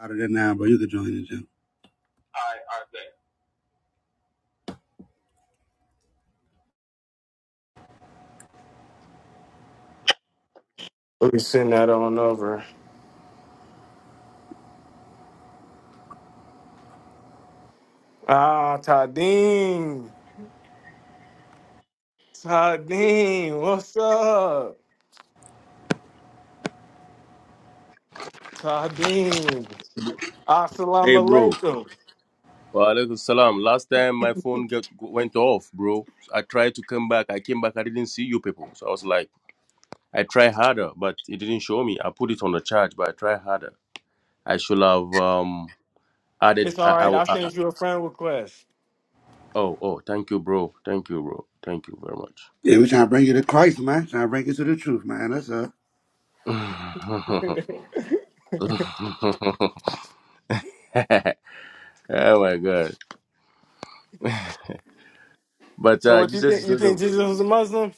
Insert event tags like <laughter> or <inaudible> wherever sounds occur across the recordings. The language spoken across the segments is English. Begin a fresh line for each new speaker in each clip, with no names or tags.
out of there now, bro. You could join the gym.
Let me send that on over. Ah, Tadeen. Tadeen, what's up? Tadeen.
Hey,
Assalamu
bro.
alaikum.
Walaikum salam. Last time my phone got, went off, bro. I tried to come back. I came back. I didn't see you people. So I was like, I try harder, but it didn't show me. I put it on the charge, but I try harder. I should have um
It's
added.
all
I, I,
right. I
I-
sent you a friend request.
oh, oh, thank you, bro. Thank you, bro. Thank you very much.
Yeah, we trying to bring you to Christ, man. Trying to bring you to the truth, man. That's uh.
<laughs>
<laughs>
oh my god but
so
uh
what you
jesus
think?
is
You
not a,
think Jesus was a Muslim?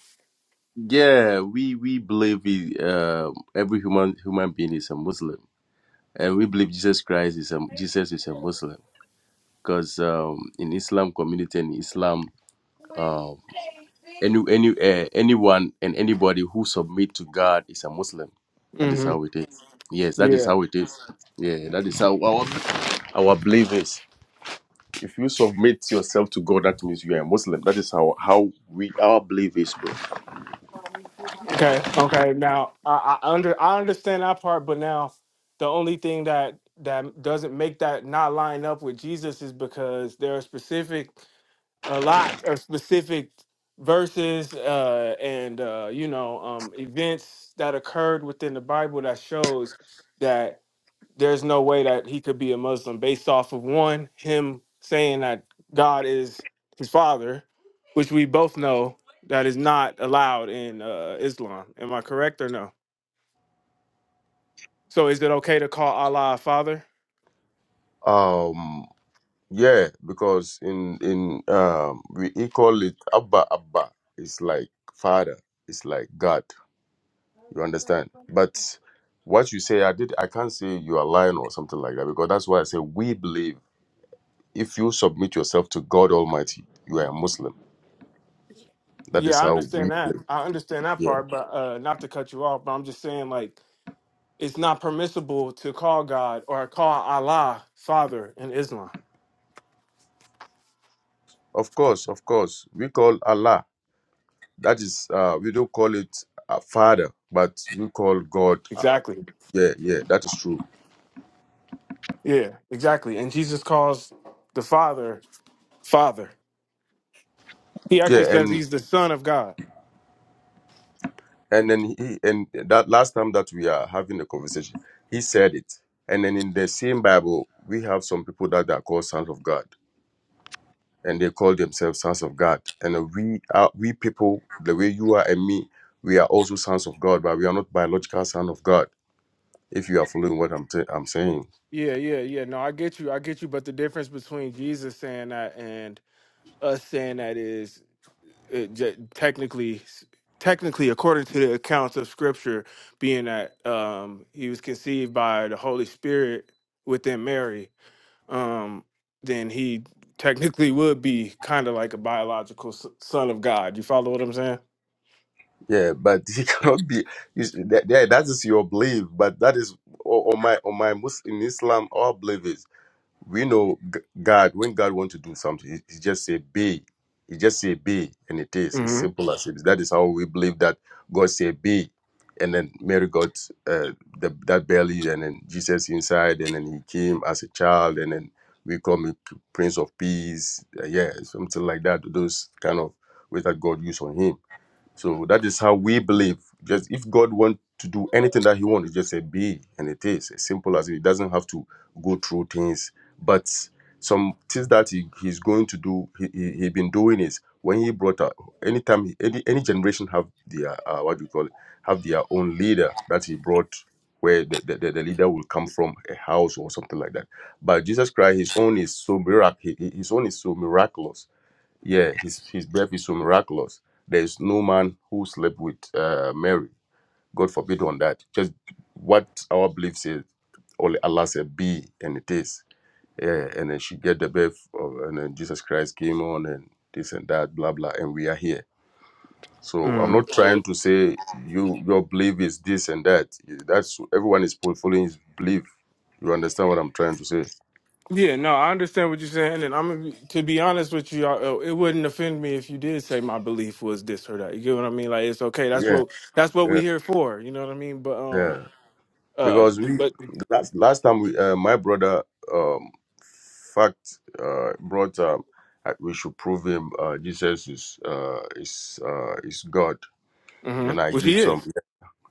yeah we we believe he, uh, every human human being is a muslim and we believe Jesus Christ is a Jesus is a Muslim because um, in Islam community and Islam, uh, any any uh, anyone and anybody who submit to God is a Muslim. That is
hmm
how it is. Yes, that is
Yeah.
how it is. Yeah, that is how our our belief is. If you submit yourself to God, that means you are a Muslim. That is how how we our belief is, bro.
Okay. Okay. Now I, I under I understand that part, but now the only thing that that doesn't make that not line up with Jesus is because there are specific a lot of specific verses uh, and uh, you know um, events that occurred within the Bible that shows that there's no way that he could be a Muslim based off of one him saying that God is his father, which we both know that is not allowed in uh, Islam. Am I correct or no? So is it okay to call Allah a father?
Um, yeah, because in in um we he call it Abba Abba. It's like father. It's like God. You understand? But what you say, I did. I can't say you are lying or something like that because that's why I say we believe. If you submit yourself to God Almighty, you are a Muslim. That
Yeah,
is
I
how we
understand that.
believe.
I understand that
Yeah.
part, but uh, not to cut you off, but I'm just saying like It's not permissible to call God or call Allah Father in Islam.
Of course, of course. We call Allah. That is, uh, we don't call it a father, but we call God. uh,
Exactly.
yeah, yeah. That is true.
Yeah, exactly. And Jesus calls the Father Father. He actually
Yeah,
says
and
he's the Son of God.
and then he and that last time that we are having a conversation, he said it. And then in the same Bible, we have some people that are called sons of God. and they call themselves sons of God. And we are we people, the way you are and me, we are also sons of God, but we are not biological sons of God. If you are following what I'm i am i am saying,
Yeah, yeah, yeah. No, I get you. I get you. But the difference between Jesus saying that and us saying that is it, j- technically, technically, according to the accounts of Scripture, being that um, he was conceived by the Holy Spirit within Mary, um, then he technically would be kind of like a biological s- son of God. You follow what I'm saying?
yeah, but <laughs> you cannot be. You, s- that, that that is your belief, but that is on on my on my Muslim in Islam, our belief is. we know G- God when God wants to do something, he, he just say be. He just say be, and it is. It's
hmm
simple as it is. That is how we believe that God said be, and then Mary got uh, the, that belly, and then Jesus inside, and then he came as a child, and then we call him Prince of Peace. Uh, yeah, something like that. Those kind of ways that God used on him. So that is how we believe. Just if God wants to do anything that He wants, he just say be, and it is as simple as it. He doesn't have to go through things. But some things that he, he's going to do, he he, he been doing is when he brought up anytime he- any any generation have their uh, what do you call it have their own leader that he brought where the, the, the the leader will come from a house or something like that. But Jesus Christ, his own is so mirac- he- he- his own is so miraculous yeah, his, his birth is so miraculous. There is no man who slept with uh, Mary. God forbid on that. Just what our belief says, only Allah said be, and it is. Yeah, and then she get the birth, of, and then Jesus Christ came on, and this and that, blah blah, and we are here. So I'm
hmm
not trying to say you your belief is this and that. That's everyone is following his belief. You understand what I'm trying to say?
Yeah, no, I understand what you're saying, and I'm gonna be- to be honest with you, I- uh, it wouldn't offend me if you did say my belief was this or that. You get what I mean? Like it's okay. That's
Yeah,
what that's what we
yeah,
here for. You know what I mean? But
yeah.
um, uh,
because we
but
last last time we uh, my brother um fact uh brought um uh, we should prove him uh jesus is uh is uh is god
hmm
and i
which he
give some
is.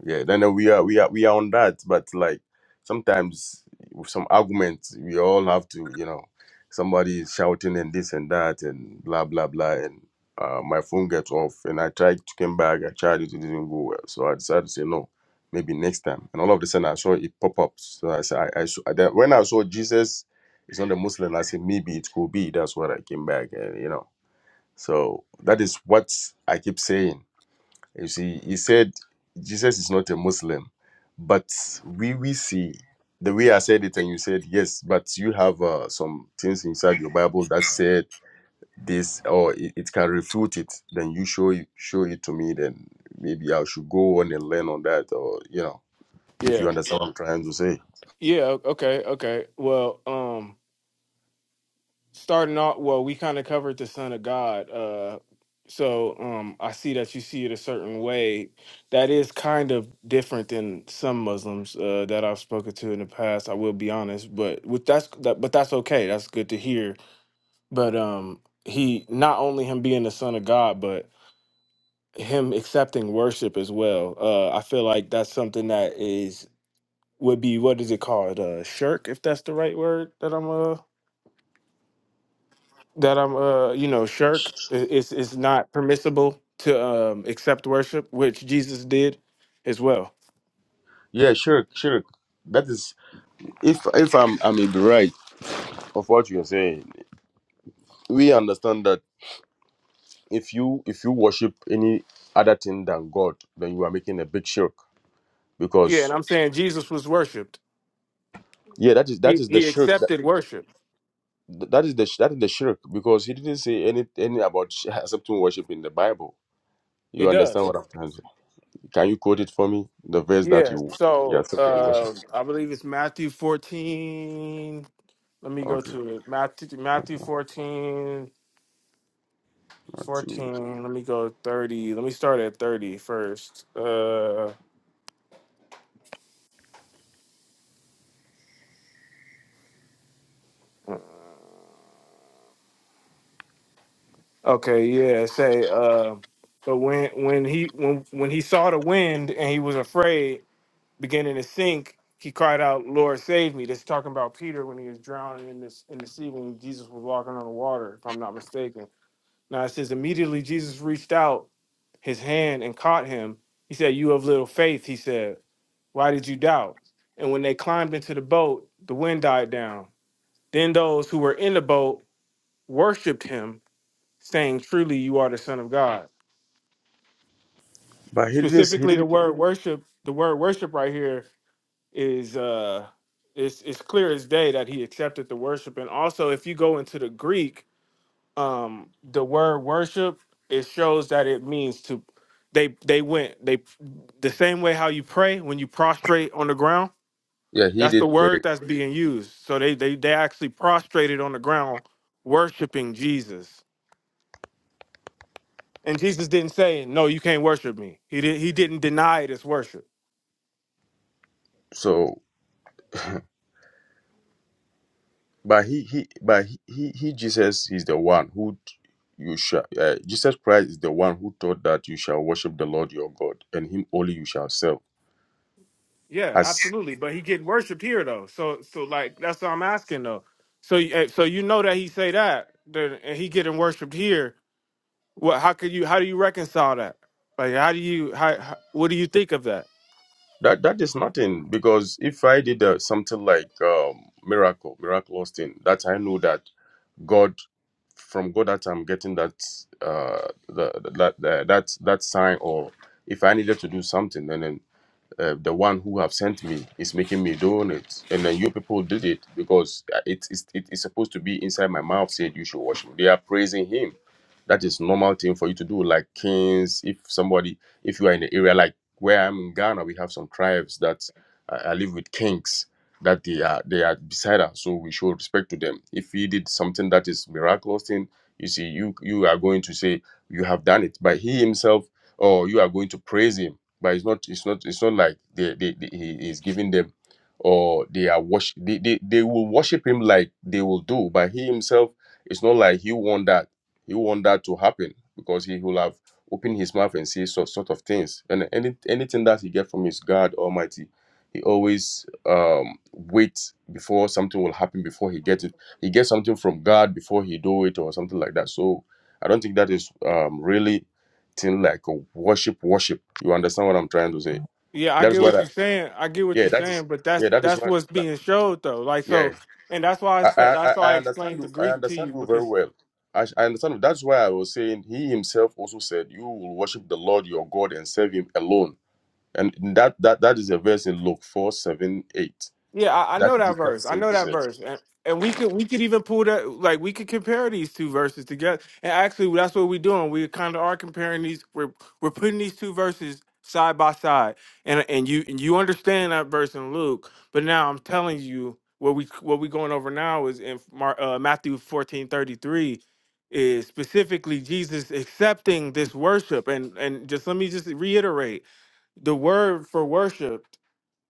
yeah, then uh, we are we are we are on that, but like sometimes with some arguments we all have to, you know, somebody is shouting and this and that and blah blah blah, and uh, my phone gets off, and I tried to come back, I tried it, it didn't go well, so I decided to say no, maybe next time. And all of a sudden I saw it pop up, so I said I, I saw, then when I saw Jesus is not a Muslim, I said maybe it could be. That's what I came back, and you know, so that is what I keep saying you see, he said Jesus is not a Muslim, but we we see the way I said it, and you said yes, but you have uh, some things inside your Bible that said this, or it, it can refute it. Then you show it- show it to me. Then maybe I should go on and learn on that, or you know, if you
Yeah,
understand what I'm trying to say.
yeah. o- Okay, okay. Well, um. starting off well we kind of covered the son of god uh so um i see that you see it a certain way that is kind of different than some muslims uh that i've spoken to in the past i will be honest but with that's that, but that's okay that's good to hear but um he not only him being the son of god but him accepting worship as well uh i feel like that's something that is would be what is it called uh shirk if that's the right word that i'm uh that I'm uh you know shirk i- it's it's not permissible to um accept worship which Jesus did as well.
Yeah, sure, sure. That is, if if I'm I may be right of what you're saying, we understand that if you if you worship any other thing than God, then you are making a big shirk.
Yeah,
Because
and I'm saying Jesus was worshiped.
yeah, that is that
He
is the
he
shirk.
accepted worship.
That, that is the that is the shirk. Because he didn't say any any about <laughs> sh- accepting worship in the Bible.
It
You understand
does.
what I'm trying to? Can you quote it for me? The verse that
Yeah.
you you
So
accepted worship.
um I believe it's Matthew 14. Let me go
Okay,
to it. Matthew
one,
Matthew 14
two.
fourteen. Let me go 30. Let me start at 30 first. Uh Okay, yeah, say uh but when when he when when he saw the wind and he was afraid, beginning to sink, he cried out, Lord save me. This is talking about Peter when he was drowning in this in the sea when Jesus was walking on the water, if I'm not mistaken. Now it says immediately Jesus reached out his hand and caught him. He said, You have little faith, he said. Why did you doubt? And when they climbed into the boat, the wind died down. Then those who were in the boat worshiped him saying truly you are the son of god
But he didn't. He
specifically the
didn't.
word worship the word worship right here is uh it's it's clear as day that he accepted the worship and also if you go into the greek um the word worship it shows that it means to they they went they the same way how you pray when you prostrate on the ground
Yeah, he
that's the
did pray.
word that's being used so they they, they actually prostrated on the ground worshiping jesus And Jesus didn't say, "No, you can't worship me." He did. He didn't deny it as worship.
So But he he but he he, he Jesus is the one who t- you shall uh, Jesus Christ is the one who taught that you shall worship the Lord your God and him only you shall serve.
Yeah,
As
absolutely. But he getting worshipped here though. So, so like that's what I'm asking though. So, eh, so you know that he say that, then- and he getting worshipped here. What? How could you? How do you reconcile that? Like, how do you? How? how what do you think of that?
that that is nothing because if I did uh, something like um, miracle miraculous thing that I know that God from God that I'm getting that uh the, the- that that that that sign or if I needed to do something then. uh, the one who have sent me is making me doing it and then you people did it because uh, it is it is supposed to be inside my mouth said you should worship they are praising him that is normal thing for you to do like kings if somebody if you are in the area like where i'm in ghana we have some tribes that uh, i live with kings that they are they are beside us so we show respect to them if he did something that is miraculous thing you see you you are going to say you have done it but he himself or you are going to praise him but it's not it's not it's not like they, they, they he is giving them or they are worship they, they they will worship him like they will do but he himself it's not like he want that he want that to happen because he will have opened his mouth and say sort, sort of things and any anything that he get from his god almighty he always um wait before something will happen before he gets it he gets something from god before he do it or something like that so i don't think that is um really thing like a worship worship you understand what I'm trying to say?
Yeah, I
That is
get
what
what
I
you're saying. I get what
yeah,
you're
that is
saying, but
yeah,
that's
that is
that's
what
what's
that,
being showed though. Like
yeah.
so, and that's why I
I,
spe-
I
that's
I
why I
I understand
explained the
you I
Greek to
understand
you
you very
because
well. I, I understand you. that's why I was saying he himself also said you will worship the Lord your God and serve him alone. And that that that is a verse in Luke four seven eight.
Yeah, I, I
That
know that verse.
that's
I know that
Jesus.
verse, and and we could we could even pull that like we could compare these two verses together. And actually, that's what we're doing. We kind of are comparing these. We're we're putting these two verses side by side, and and you and you understand that verse in Luke, but now I'm telling you what we what we going over now is in Mar, uh, Matthew fourteen thirty three. Is specifically Jesus accepting this worship and and just let me just reiterate the word for worship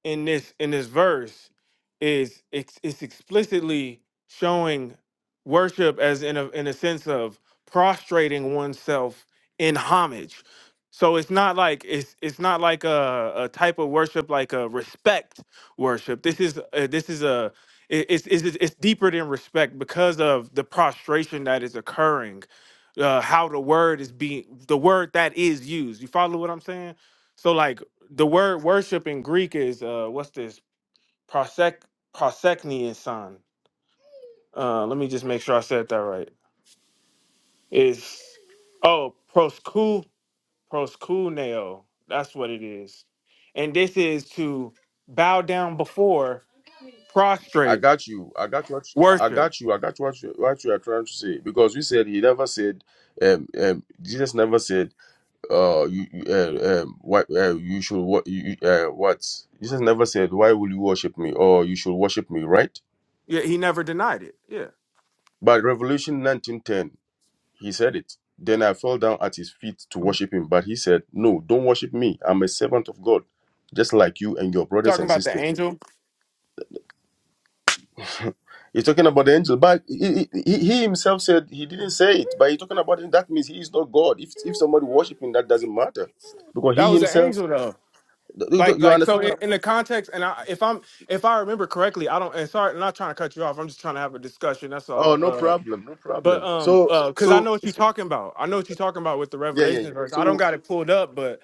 in this in this verse is ex- it's explicitly showing worship as in a in a sense of prostrating oneself in homage. So it's not like it's it's not like a, a type of worship like a respect worship. This is a, this is a it- it's, it's it's deeper than respect because of the prostration that is occurring, uh, how the word is being the word that is used. You follow what I'm saying? So like the word worship in Greek is uh, what's this? Prosek proseknian son. Uh, let me just make sure I said that right. Is oh prosku proskuneo. That's what it is. And this is to bow down before,
I
prostrate,
got you. I got what I
worship.
got you. I got what you, what you are trying to say because you said he never said um, um Jesus never said uh, you, you- uh, um, why, uh, you should what, you, you- uh, what? Jesus never said, "Why will you worship me?" or "You should worship me," right?
Yeah, he never denied it. Yeah,
But Revelation nineteen ten, he said it. Then I fell down at his feet to worship him, but he said, "No, don't worship me. I'm a servant of God, just like you and your brothers
talking
and
about the
sisters."
angel.
<laughs> He's talking about the angel, but he, he, he he himself said he didn't say it. But he's talking about it. That means he is not God. If if somebody worship him, that doesn't matter, because
That
he
was an
himself.
angel though.
You,
Like
you
like so
understand what
in,
I'm
in the context, and I, if I'm if I remember correctly, I don't. And sorry, I'm not trying to cut you off. I'm just trying to have a discussion. That's
Oh, no
all.
problem, no
But
problem.
um,
So,
uh, cause I
so
know what you're talking about. I know what you're talking about with the
yeah, yeah,
Revelation
yeah.
verse. I don't
So
got it pulled up, but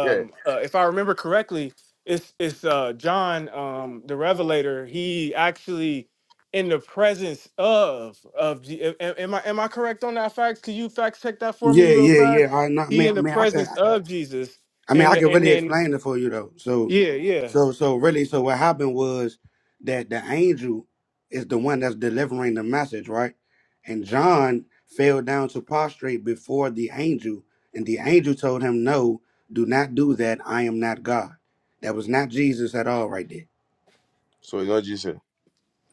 yeah,
uh, if I remember correctly, it's it's uh John, um, the Revelator. He actually in the presence of of Je- a- a- am I am I correct on that fact? Could you fact check that for
Yeah,
me real
yeah,
fast?
yeah. I not
He
man,
in the
man. I could,
presence of Jesus,
I mean,
and
I could
and
really
then
explain it for you though. So,
yeah, yeah,
so, so really, so what happened was that the angel is the one that's delivering the message, right? And John fell down to prostrate before the angel, and the angel told him, "No, do not do that. I am not God." That was not Jesus at all, right there.
so you know Jesus,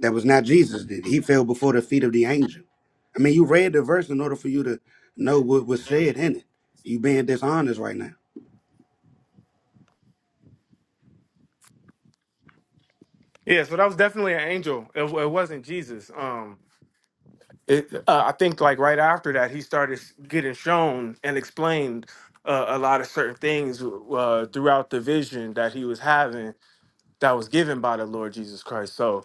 That was not Jesus. Did he fell before the feet of the angel? I mean, you read the verse in order for you to know what was said in it. You being dishonest right now.
yeah. So that was definitely an angel. It, it wasn't Jesus. Um, it, uh, I think like right after that, he started getting shown and explained uh, a lot of certain things uh, throughout the vision that he was having that was given by the Lord Jesus Christ. So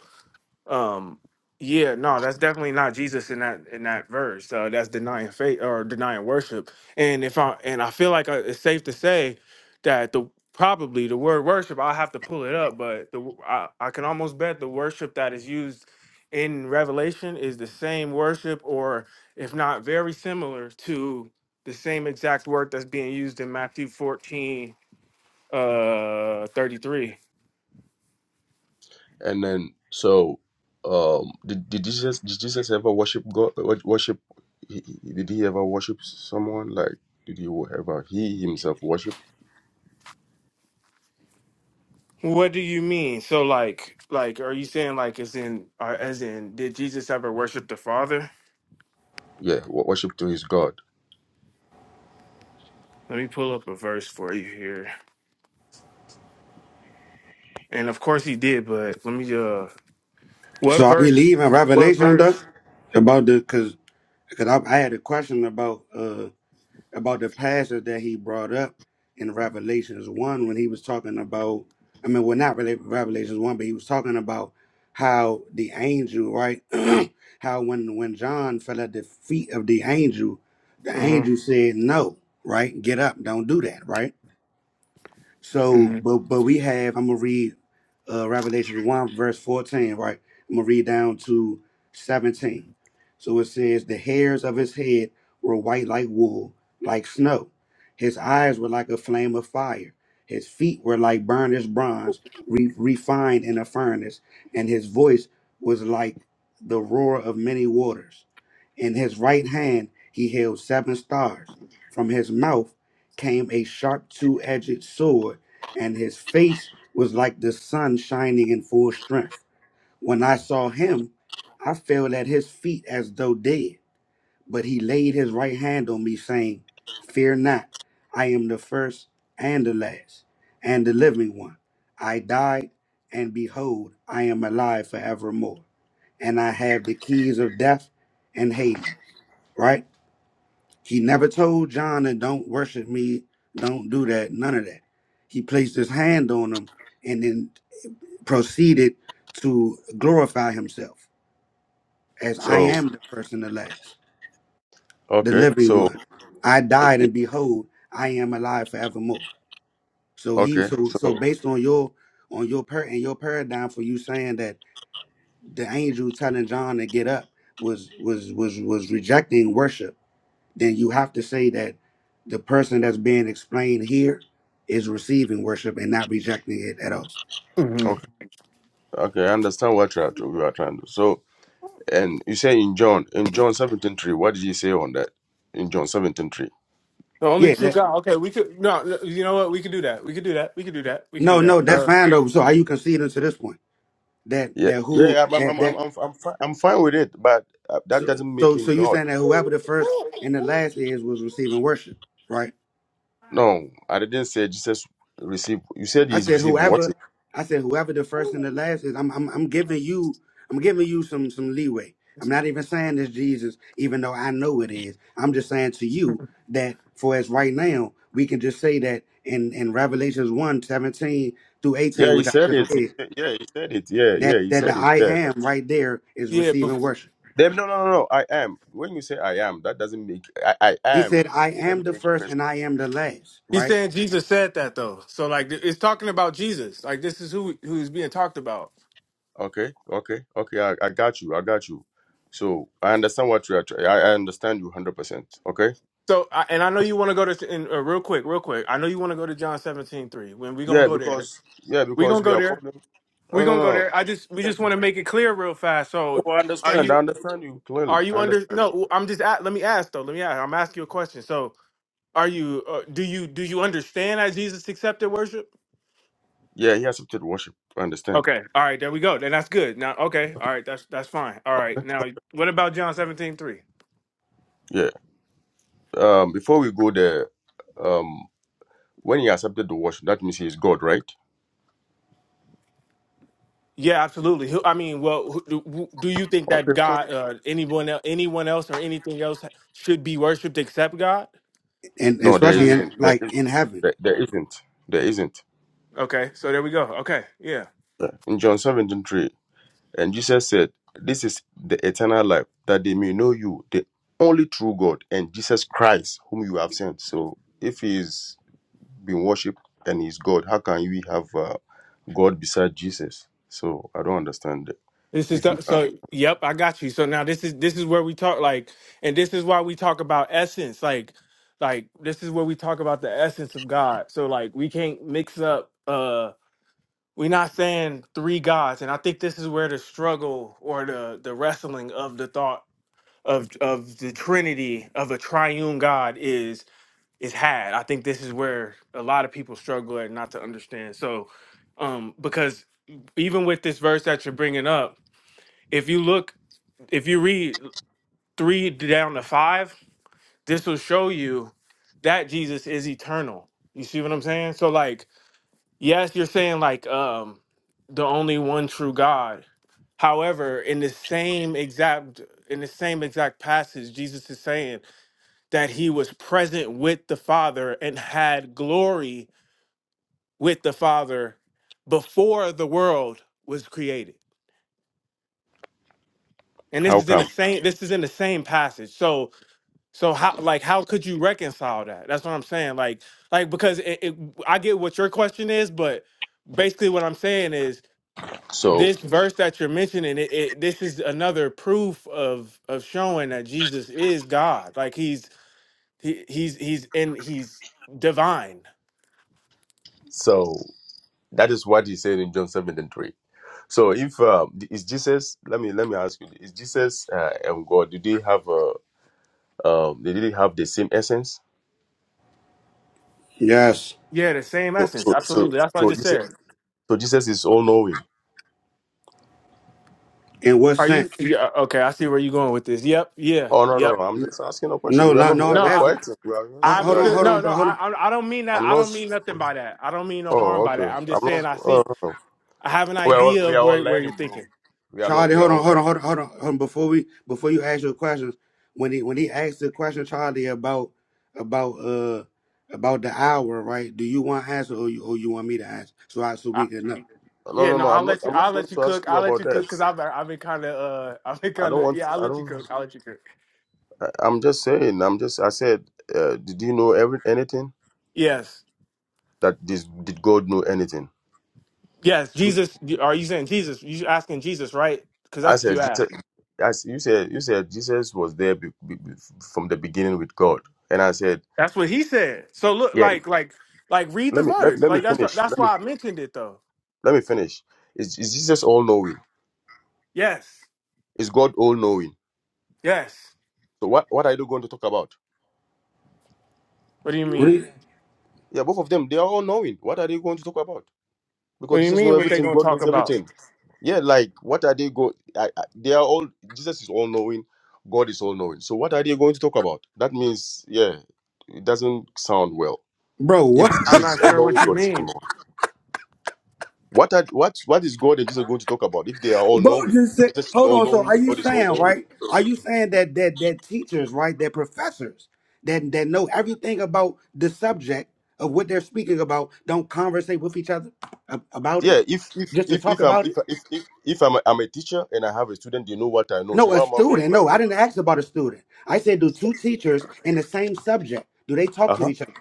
um, yeah, no, that's definitely not Jesus in that in that verse. Uh, that's denying faith or denying worship. And if I and I feel like uh it's safe to say that the probably the word worship, I'll have to pull it up, but the w- I, I can almost bet the worship that is used in Revelation is the same worship, or if not very similar to the same exact word that's being used in Matthew 14, uh 33.
and then so, um, did, did Jesus did Jesus ever worship God? wor- Worship? He, he- did he ever worship someone? Like, did he ever he himself worship?
What do you mean? So like like are you saying like as in uh, as in did Jesus ever worship the Father?
Yeah, wo- worship to his God.
Let me pull up a verse for you here. And of course he did, but let me uh what
So I
verse?
believe in
What
Revelation though
verse?
about the because because I, I had a question about uh about the passage that he brought up in Revelations 1 when he was talking about, I mean, well, not really Revelations 1, but he was talking about how the angel, right? <clears throat> how when, when John fell at the feet of the angel, the
hmm
angel said, no, right? Get up, don't do that, right? So,
hmm
but but we have. I'm gonna read uh, Revelation one verse fourteen. Right. I'm gonna read down to seventeen. So it says, "The hairs of his head were white like wool, like snow. His eyes were like a flame of fire. His feet were like burnished bronze, re- refined in a furnace, and his voice was like the roar of many waters. In his right hand he held seven stars. From his mouth." came a sharp two edged sword, and his face was like the sun shining in full strength. When I saw him, I fell at his feet as though dead. But he laid his right hand on me, saying, Fear not, I am the first and the last, and the living one. I died, and behold, I am alive forevermore. And I have the keys of death and Hades, right? He never told John and don't worship me, don't do that, none of that. He placed his hand on him and then proceeded to glorify himself as I
So
am the first and the last, the
okay,
living
so
one. I died and behold, I am alive forevermore. So he
okay,
so
so
so based on your on your per and your paradigm for you saying that the angel telling John to get up was was was was rejecting worship then you have to say that the person that's being explained here is receiving worship and not rejecting it at all.
hmm
okay, okay. I understand what you are to, you are trying to. So, and you say in John in John seventeen three, what did he say on that? In John seventeen three.
The only
Yeah,
true
that
God. Okay, we could no, no, you know what? We could do that. We could do that. We could do that. We could do
no,
that.
no,
Okay.
that's
Uh,
fine though. So are you conceding to this point? That
Yeah,
that who
yeah, I'm,
that
I'm, I'm,
that
I'm, I'm, fine, I'm fine with it, but uh, that
so
doesn't make
so, so
him
you
God.
saying that whoever the first and the last is was receiving worship, right?
No, I didn't say Jesus received. You said
I
he's
said
received what?
whoever I said whoever the first and the last is, I'm I'm I'm giving you I'm giving you some some leeway.
that's
I'm not
fine.
even saying it's Jesus, even though I know it is. I'm just saying to you that for as right now, we can just say that in, in Revelations one 17 through 18,
Yeah, he
which I
said
just
it. He
read,
said- Yeah, he said it. Yeah,
that
yeah, he
that the
said it.
I
Yeah.
am right there is
yeah, but
receiving worship.
Then no, no, no, no. I am. When you say I am, that doesn't make I, I
He
am.
said, I
It
am
doesn't
the
make a
first
person.
and I am the last,
he's
right?
saying Jesus said that though. So like it's talking about Jesus. Like this is who who's being talked about.
Okay, okay, okay. I, I got you. I got you. So I understand what you are. try- I, I understand you hundred percent. Okay.
So, I- and I know you want to go to and, uh, real quick, real quick. I know you want to go to John seventeen three. When we gonna
Yeah,
go there?
because yeah,
We gonna
because we
go
are
there.
calling.
We
Oh no,
gonna
no,
go
no.
there. I just we
yeah,
just
yeah.
want to make it clear real fast. So,
Oh, I
are
understand. I
you
understand you
are
clearly.
you
I
under?
understand.
No, I'm just at, let me ask though. Let me ask. I'm asking you a question. So, are you uh, do you do you understand that Jesus accepted worship?
Yeah, he accepted worship. I understand.
Okay. All right. There we go. Then that's good. Now, okay. All right. That's that's fine. All right. Now, what about John seventeen three?
Yeah. Um, before we go there, um, when he accepted the worship, that means he is God, right?
Yeah, absolutely. Who- I mean, well, who- do who- do you think
Okay,
that
fine.
God, uh, anyone, el- anyone else, or anything else should be worshipped except God?
And, and
No, there
especially in
isn't. There
like
is.
in heaven.
There, there isn't. There isn't.
Okay, so there we go. Okay, yeah.
Yeah. In John seventeen three, and Jesus said, "This is the eternal life, that they may know you, the only true God, and Jesus Christ, whom you have sent." So, if he is been worshipped and he's God. How can we have uh, God beside Jesus? So I don't understand it.
This is
If you
the,
can,
so. Yep, I got you. So now this is this is where we talk like, and this is why we talk about essence. Like, like this is where we talk about the essence of God. So like, we can't mix up. uh We're not saying three gods, and I think this is where the struggle or the the wrestling of the thought of of the Trinity of a triune God is is had. I think this is where a lot of people struggle at not to understand. So, um, because even with this verse that you're bringing up, if you look, if you read three down to five, this will show you that Jesus is eternal. You see what I'm saying? So, like, yes, you're saying like um, the only one true God. However, in the same exact in the same exact passage, Jesus is saying that he was present with the Father and had glory with the Father before the world was created. And this
how
is in the
come?
same this is in the same passage. So so how like how could you reconcile that? That's what I'm saying. Like like because it, it, I get what your question is, but basically what I'm saying is
So,
this verse that you're mentioning it, it this is another proof of of showing that Jesus is God. Like he's he, he's he's in he's divine
so that is what he said in John seven and 3. So, if uh, is Jesus, let me let me ask you, is Jesus uh, and God, do they have uh, um, they didn't have the same essence?
Yes.
Yeah, the same
So,
essence.
so, so,
Absolutely. That's what I
so
just
Jesus,
said.
so Jesus is all knowing.
In what
Are you
sense?
yeah, okay? I see where you're going with this. Yep. Yeah.
Oh no, no,
Yep.
no! I'm just asking a question.
No,
We are
no,
not,
no,
we
I'm
are
No,
not
I,
asking
fighting. We are
I
Hold,
just,
have a
we
hold
are,
on,
you
feel.
hold
know.
No,
on,
no,
bro. Hold
I,
on,
I I don't mean that.
I'm
I
not.
don't mean nothing by that. I don't mean no harm
Oh,
by that.
okay.
I'm just
I'm
saying
not.
I
Oh,
see.
okay.
I have an
We're all,
idea
we
of
are all
where, where you're
learning, bro.
thinking.
We are not.
Charlie.
We are
Hold on,
all
hold on,
learning.
hold on, hold on. Hold on. Before we, before you ask your questions, when he when he asked the question, Charlie, about about uh about the hour, right? Do you want to answer or you or you want me to answer so I so
I,
we can know?
No,
yeah.
no,
No,
no.
I'll
I'm not.
let you.
I'm not
I'll
going
let you
to ask
cook.
you
I'll let
about
you cook
that.
because I've I've been kind of uh <laughs> I've been
I
kind
don't
of
want.
yeah. I'll
I
let you
don't.
cook. I'll let you cook.
I, I'm just saying. I'm just. I said. Uh, did you know every anything
Yes.
that this? Did God know anything?
Yes. Jesus. Are you saying Jesus? You asking Jesus, right? Because
I
that's what
said.
you asked.
Jesus, I, s- you said. You said Jesus was there be, be, be- from the beginning with God, and I said,
That's what he said. So look,
yeah.
like, like, like, read the
Let me let,
verse.
let me
Like that's what,
finish.
that's
Let me
why I mentioned it though.
let me finish. Is, is Jesus all knowing?
Yes,
Is God all knowing?
yes.
So what what are you going to talk about?
What do you
What
mean?
is-
Yeah, both of them. They are all knowing. What are they going to talk about?
What
because
do you
Jesus
mean?
knows
What they
everything.
gonna
God
talk
knows
about?
everything. Yeah, like what are they go? I, I, they are all Jesus is all knowing, God is all knowing. So what are they going to talk about? That means yeah, it doesn't sound well.
bro,
If
what?
I'm
Jesus is
not
all
sure what
knowing,
you
God is all
mean.
knowing. What are what what is God and Jesus going to talk about if they are
<laughs>
all
bro,
knowing?
just said.
Jesus is
Hold
all
on. So are
knowing,
you
God is all
saying
knowing.
right? Are you saying that that that teachers, right? That professors that that know everything about the subject of what they're speaking about don't conversate with each other ab- about it
Yeah, if if
just to
if
talk
if I'm
about it?
if if if, if I'm, a, I'm a teacher and I have a student, they know what I know. So
No, a
what am I going to
student.
talk
No, I
about?
didn't ask about a student. I said, do two teachers in the same subject do they talk
Uh
to
huh.
each other?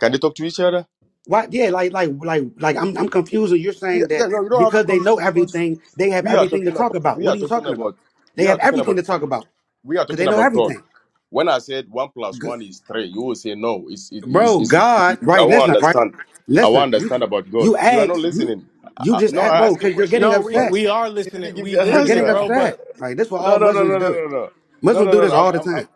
Can they talk to each other?
Why? Yeah, like, like, like, like. I'm, I'm confused. You're
Yeah,
saying
yeah,
that
no, you don't have to
because they know
confuse because
everything, they have
we are
everything to
talking
talk
about
about.
we
What
are
are you
talking
talking about?
about
They
we are
have
talking
everything
about
to talk about
we are
because
talking
they know
about god
everything.
when i said one plus
G-
one is three you will say no it's it- is
Bro,
it's, it's you-
God,
you- i
right?
won't
Listen, right?
understand i
Listen,
won't
you,
understand about
you
god you are not
ask, you,
listening I,
you
I-
just
no
act,
i
bro,
asked you a
because you're getting
question
No, we
but
upset.
we are
you didn't
listening.
give
We
me an
You're
listening,
getting
answer
bro.
upset.
But
Like this, what all
no no no
Muslims
no no
do.
no no no no
Muslims do
no
this
no
all
i'm,
the
I'm, I'm
time.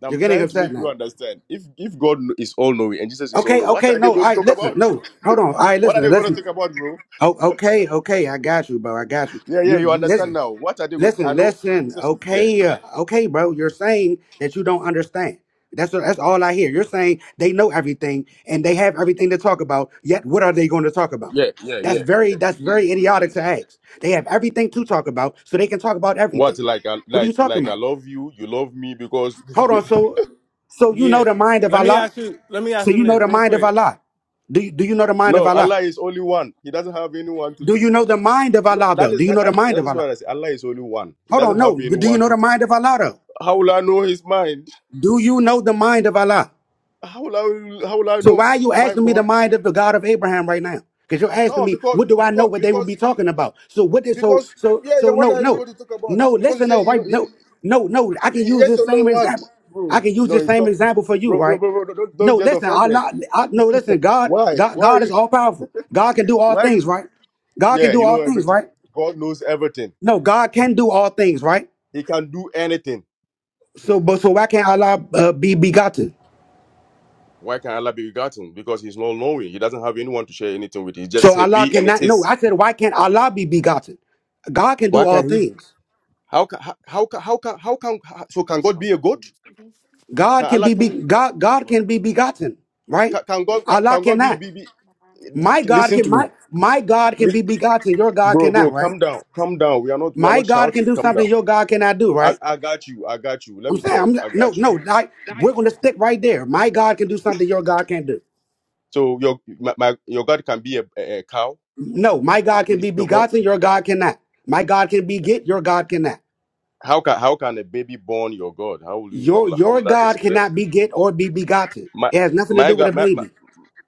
I'm
You're getting
trying to
upset
make you
now.
understand. If if God is all knowing and Jesus is all
Okay,
knowing, what
okay,
are they
no, all
going to
right,
talk
listen,
about?
no, hold on, all right,
What are
listen,
they going to
listen.
talk about, bro?
Oh, okay, okay, I got you, bro, I got you.
Yeah, yeah,
You
you understand
listen,
now. What are they going? I
listen,
know.
listen.
Jesus, yeah,
Okay, uh, okay, bro, you're saying that you don't understand. That's that's all I hear. You're saying they know everything and they have everything to talk about. Yet, what are they going to talk about?
yeah, yeah,
That's
yeah.
very that's very idiotic to ask. They have everything to talk about, so they can talk about
What
everything.
like I
What are you
like
talking
like I
about?
love you, you love me because
Hold on, so so you
yeah,
know the mind of
let me
Allah?
ask you. Let me ask
So
them
you know
this
the
real
mind of
quick.
Allah. Do you, do you know the
<laughs>
mind of
no
Allah?
Allah is only one. He doesn't have anyone to.
Do you
to-
know the mind of
No,
Allah
that
though? Do
is
you
that,
know the
that
mind
that
of
is
Allah?
what I say. Allah is only one. He
Hold
doesn't
on,
have
no. Do you
anyone
know
to.
the
T-
mind of Allah though?
How will I know His mind?
Do you know the mind of Allah?
How will I how will I
So
know?
why are you
Am I
asking me the
God?
mind of the God of Abraham right now? Because you're asking
No,
me,
because
what do I know
because
what they would
because
be talking about? So what did so
because
so
yeah yeah.
so
What
no
are you
no
going to talk about?
no
Because you
listen
say
no
you know
right
he,
no no no I can
he-
use
yes
this
or no
same
what,
example. I
bro?
can use
No,
this
it's
same
not,
example for you,
bro, bro,
right?
bro, bro. Don't
No,
don't get
listen,
offended.
Allah I, no listen, God,
Why
God
why
God is all powerful. God can do all
why?
things,
you-
right? God can
Yeah,
do
you
all
know
things,
everything.
right?
God knows everything.
No, God can do all things, right?
He can do anything.
So but so why can't Allah uh, be begotten?
Why can Allah be begotten? Because he's not knowing. He doesn't have anyone to share anything with. He just
So
say
Allah
be and it
cannot know.
is.
I said, why can't Allah be begotten? God can do
Why
all
can he?
things.
How can how how can how can, how can so can God be a God?
God
Can
can
Allah
be, be
can
God. God can be begotten, right?
can, can God can,
Allah
can God be,
cannot.
be be?
My God
Listen
can
to me,
my my God can
Li-
be begotten. Your God
bro,
cannot,
bro.
right?
Calm down, calm down. We are not we are
My
not
God can
shouting.
do
Calm down.
something your God cannot do,
I,
right?
I got you. I got you. Let
I'm
me
saying,
talk.
I'm
I
no,
got you.
no. I, we're going to stick right there. My God can do something your God can't do.
So your my, my your God can be a, a, a cow.
No, my God
Is
can
it
be
your God.
begotten. Your God cannot. My God can beget. Your God cannot.
How can how can a baby born your God? How will you how
Your
will how
your
will that
God
explain?
cannot beget or be begotten.
My
It has nothing to
my
do with a
God, my, my,
baby.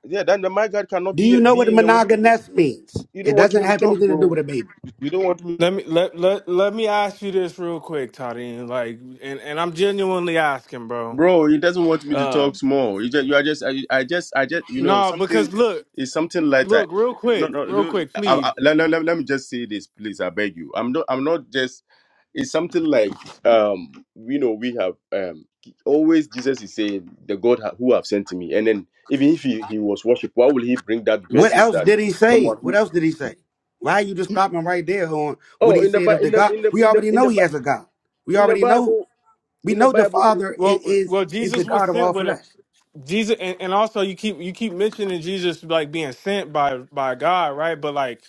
yeah, then the- my God cannot
Do you
be
know
be
what
in a.
monogamous means?
You
It
don't want
doesn't
me to
have
talk,
anything to do
bro.
with a baby.
You don't want me,
Let me let let let me ask you this real quick, Toddy. Like, and and I'm genuinely asking, bro.
bro. He doesn't want me to
Uh,
talk small. You just, you are just, I, I just, I just, you know,
no, because
something
look,
is something lighter.
look, real
No,
quick,
no,
real
no.
quick,
I,
please.
I, let, let, let let me just say this, please. I beg you. I'm not, I'm not just. It's something like, um, you know, we have um always Jesus is saying the God ha- who have sent me, and then even if he, he was worshipped, why will he bring that
What
verses
else
that
did he say?
someone who
What else did he say? Why you just stopping right there on what
Oh,
he
in the
said
Bi-
of the
in the
God?
in the
We
in the
already
in
know
the
he
Bi-
has a God. We
in the
already know.
Bible,
We
in the
know the
Bible.
Father is
Well,
is,
well,
is the
Jesus was
God of
sent
all
with a
flesh.
Jesus, and, and also you keep you keep mentioning Jesus like being sent by by God, right? But like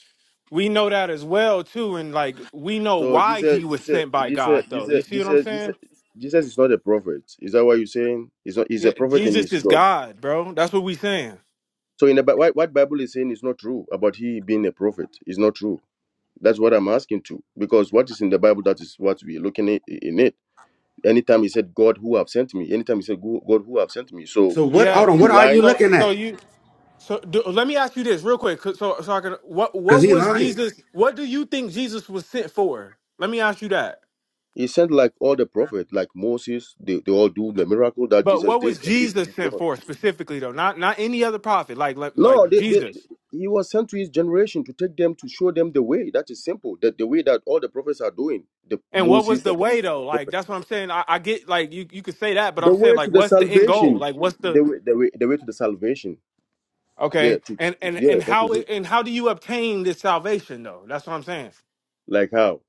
we know that as well too, and like we know
So
why he
Jesus,
was
Jesus,
sent by
Jesus,
God, though. You
Jesus,
see what I'm
Jesus, Jesus,
saying?
Jesus is not a prophet. Is that what you're saying? He's not. He's
Yeah,
a prophet and
Jesus
he's
is
God.
God, bro. That's what we saying.
So in the Bi- what, what Bible is saying is not true about he being a prophet. It's not true. That's what I'm asking to because what is in the Bible that is what we're looking i- in it. Anytime he said God who have sent me. Anytime he said "Go- God who have sent me. So
So what? Hold on.
he
Yes.
What are you
lying.
So,
looking
so
at?
you, so do, let me ask you this real quick, 'cause- so so I can what
Cause
what
he
was
lying,
Jesus? What do you think Jesus was sent for? Let me ask you that.
He sent like all the prophets, like Moses. They, they all do the miracle that
But
Jesus
what
did
was
and even
Jesus sent
before.
for specifically though? Not not any other prophet, like like,
No,
like
they, they,
Jesus.
he was sent to his generation to take them to show them the way. That is simple. That the way that all the prophets are doing, the
And what was
Moses,
the
and the,
way though? Like that's what I'm saying. I, I get like you you could say that, but
the
I'm saying
way
like
to the
what's the end goal?
salvation,
Like what's the
the way, the way, the way to the salvation. Yeah,
okay?
to, to-
And and
yeah,
and
that
how
is
it,
it.
and how do you obtain this salvation though? That's what I'm saying.
Like how?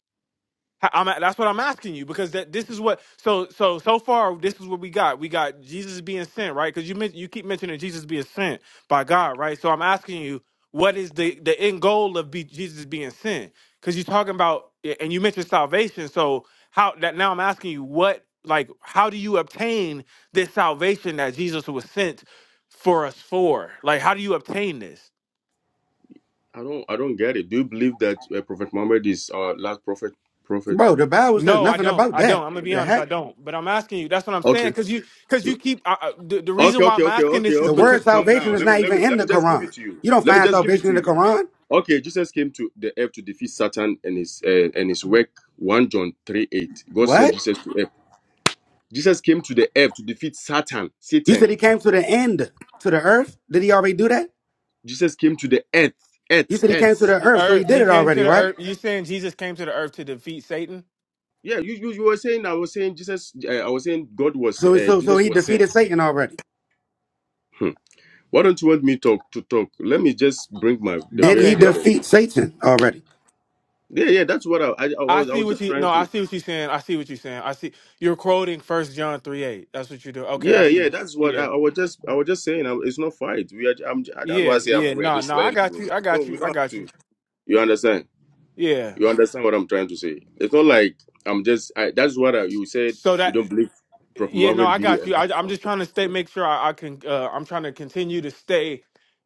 I- am that's what I'm asking you because that this is what so so so far this is what we got. We got Jesus being sent, right? Because you men- you keep mentioning Jesus being sent by God, right? So I'm asking you, what is the the end goal of be, Jesus being sent? Because you're talking about and you mentioned salvation. So how that now I'm asking you, what like how do you obtain this salvation that Jesus was sent for us for? Like how do you obtain this?
I don't, I don't get it. Do you believe that uh, Prophet Muhammad is our last prophet? Prophet?
bro. The Bible says
No, I
nothing
don't.
about
I don't.
that.
I'm gonna
What
be
the
honest. I
heck?
don't. But I'm asking you. That's what I'm saying.
Okay,
Cause you, cause you keep. I, I, the, the
okay,
reason why
okay,
I'm
okay,
asking
okay,
this is
The
okay.
because
word
Calm
salvation
down.
is
Let me,
not
let
even
me,
in
let
the
me just give
Quran.
it to you.
You don't
Let me
find
just give it
salvation
to
in the
you.
Quran.
Okay, Jesus came to the earth to defeat Satan and his uh, and his work. One John three eight. God sent
What?
Jesus to earth. Jesus came to the earth to defeat Satan.
You
Satan.
said he came to the end to the earth. Did he already do that?
Jesus came to the earth.
You
Earth.
said he came to
Earth.
the
the
earth, so he
Earth.
did
He
it
came to
already,
the
right?
Earth. You saying Jesus came to the Earth to defeat Satan?
Yeah, you you, you were saying I was saying Jesus. Uh, I was saying God was
So
uh,
so so
Jesus
he
was sent.
defeated Satan already.
Hmm. Why don't you want me talk to talk? Let me just bring my the
Did he
verse
Okay.
there.
Go.
Then.
defeat Satan already?
Yeah, yeah. That's what I, I I
I
was I
see
was
what
just
you. No,
trying
I
to.
see what you're saying. I see what you're saying. I see. You're quoting First John three eight. That's what you do. Okay. I
Yeah, yeah.
see.
That's what I,
Yeah.
I was just I was just saying. I, it's not fight. We are. I'm, that's why
Yeah.
I say I'm,
Yeah.
we are
No.
just
No. I
laying,
got
bro.
you. I
No,
got
we
you.
don't
I
have
got
to.
you.
You understand?
Yeah.
You understand what I'm trying to say? It's not like I'm just. I, that's what I, you said.
So
You
that.
don't believe Prophet
Yeah, no,
Muhammad
I
be
got you. I, I'm just trying to
a
stay, make sure I, I can. Uh, I'm trying to continue to stay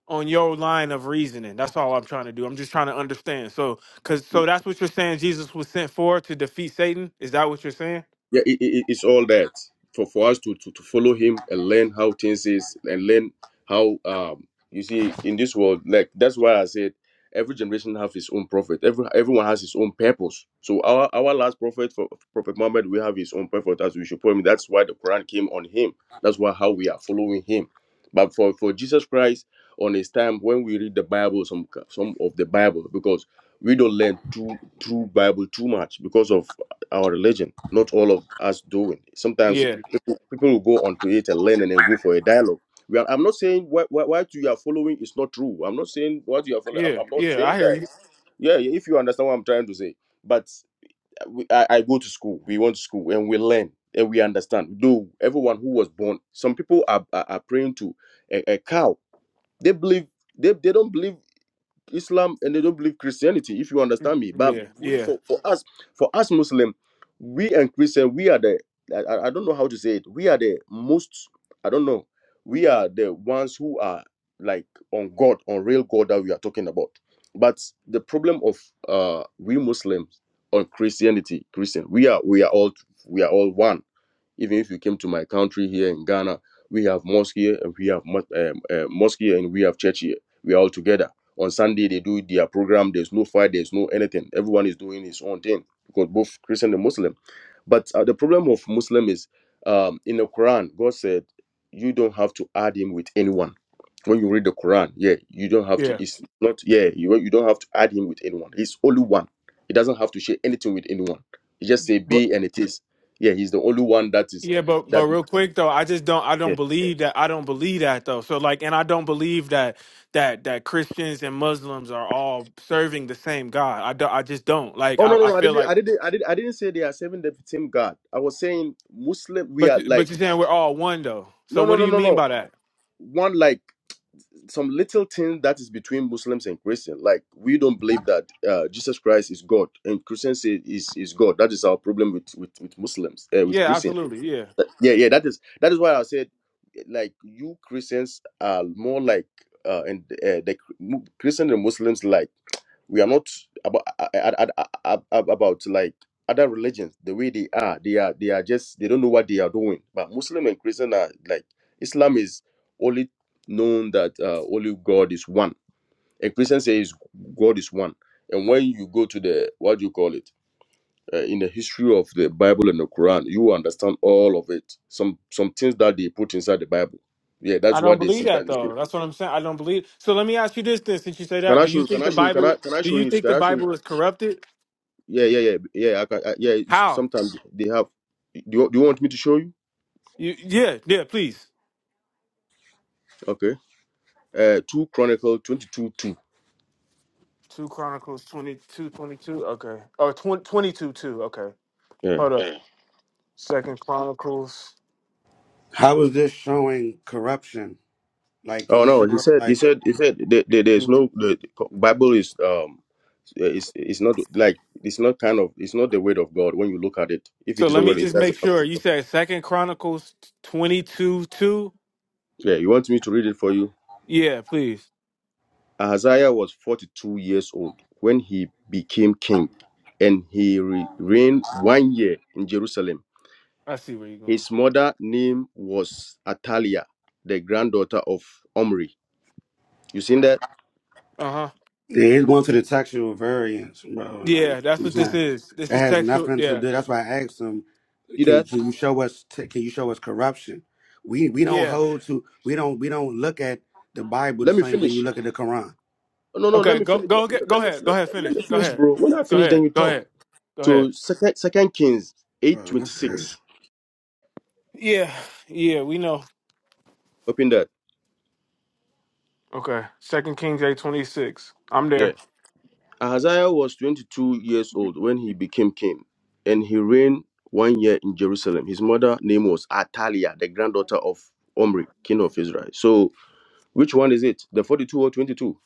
on your line of reasoning. That's all I'm trying to do. I'm just trying to understand. So, cause so that's what you're saying. Jesus was sent for to defeat Satan. Is that what you're saying?
Yeah, it, it, it's all that for, for us to, to, to follow him and learn how things is and learn how um you see in this world like that's why I said every generation have his own prophet. Every everyone has his own purpose. So our our last prophet for Prophet Muhammad, we have his own purpose as we should put him. That's why the Quran came on him. That's why how we are following him. But for for Jesus Christ on his time when we read the Bible some some of the Bible because we don't learn true true Bible too much because of our religion. Not all of us do it. Sometimes
Yeah,
people will go onto it and learn and then go for a dialogue. We are, I'm not saying what, what, what you are following is not true. I'm not saying what you are following. I'm,
yeah,
I'm not
yeah. I
saying
hear
that.
you.
Yeah, yeah, if you understand what I'm trying to say. But we, I, I go to school. We went to school and we learn and we understand. Though everyone who was born, some people are, are, are praying to a, a cow. They believe they, they don't believe Islam and they don't believe Christianity, if you understand me. But
Yeah,
we,
yeah,
for, for us, for us Muslim, we and Christian, we are the I, I I don't know how to say it. We are the most I don't know. We are the ones who are like on God, on real God that we are talking about. But the problem of uh we Muslims on Christianity, Christian, we are we are all we are all one even if you came to my country here in Ghana, we have mosque here and we have mos- um, uh, mosque here and we have church here. We are all together. On Sunday, they do their program. There's no fight. There's no anything. Everyone is doing his own thing because both Christian and Muslim. But uh, the problem of Muslim is um, in the Quran, God said you don't have to add him with anyone. When you read the Quran, yeah, you don't have to.
yeah.
It's not yeah, you you don't have to add him with anyone. He's only one. He doesn't have to share anything with anyone. He just say
But
be and it is. Yeah, he's the only one that is
yeah, but but
that.
real quick though, I just don't. I don't
Yeah.
believe that. I don't believe that though. So like, and I don't believe that that that Christians and Muslims are all serving the same God. I don't, I just don't like.
Oh no
I,
no
I
no! I
feel
didn't
like.
I didn't I didn't I didn't say they are serving the same God. I was saying Muslim. We
But
are
you- but
like
you're saying we're all one though. So
no
what
no
do
no
you
no
mean
no
by that?
one like some little thing that is between Muslims and Christians. Like we don't believe that uh, Jesus Christ is God, and Christians say is is God. That is our problem with with, with Muslims, uh, with
Yeah,
Christians.
absolutely. Yeah.
Yeah, yeah. That is that is why I said, like you Christians are more like uh, and uh, the Christian and Muslims like we are not about a- about like other religions the way they are they are they are just they don't know what they are doing but muslim and christian are like islam is only known that uh, only god is one and christian says god is one and when you go to the what do you call it uh, in the history of the bible and the quran you understand all of it some some things that they put inside the bible yeah
I
that's
don't
what they
believe that
sometimes
though.
do
That's what I'm saying. I don't believe. So let me ask you this then since you say
can
that,
i
do
show
you
can
think
i
the
show can i
Bible
can i
do
show
you
you
think
can
the
i show you
Bible is corrupted?
Yeah, yeah, yeah, yeah. I can, I, yeah, it's,
How?
sometimes they have. Do you, do you want me to show you?
You, yeah, yeah, please.
Okay. Uh, two Chronicle twenty two two.
2 Chronicles 22 22. Okay. Or 20, 22 2. Okay.
Yeah.
Hold up. Yeah. Second Chronicles.
How is this showing corruption? Like, can
Oh
you show
no, he
us,
said. He
like
said. He said. There, there, there's no. The Bible is um. It's it's not like it's not kind of it's not the word of God when you look at it. If
So
it is
let me
already, it
just make
doesn't.
sure. You said Second Chronicles 22 2.
Yeah. You want me to read it for you?
Yeah, please.
Ahaziah was forty two years old when he became king, and he re- reigned one year in Jerusalem.
I see where you're going.
His mother name was Atalia, the granddaughter of Omri. You seen that?
Uh-huh.
yeah, he's going to the textual variance, bro?
Yeah,
Like
that's
I'm
what this
saying,
is. This
it
is
has
textual.
nothing to
Yeah.
do. That's why I asked him,
See
can you
that?
can you show us t- can you show us corruption? We we don't
Yeah.
hold to we don't we don't look at the Bible the
Let me
same way you
finish.
look at the Quran,
Oh, No, no, let
Okay,
me
go
finish.
go
Let,
get go
let me
ahead. Go
let,
ahead,
let me
finish. Go
finish,
ahead.
bro. When I
Go
finish,
ahead.
then you
Go
talk.
ahead. Go ahead.
So second second Kings eight
bro.
twenty
That's crazy.
six.
Yeah. Yeah, we know.
Open that.
Okay. Second Kings eight twenty six. I'm
Yeah.
there.
Ahaziah was twenty two years old when he became king, and he reigned one year in Jerusalem. His mother name was Atalia, the granddaughter of Omri, king of Israel. So which one is it? The forty two or twenty two?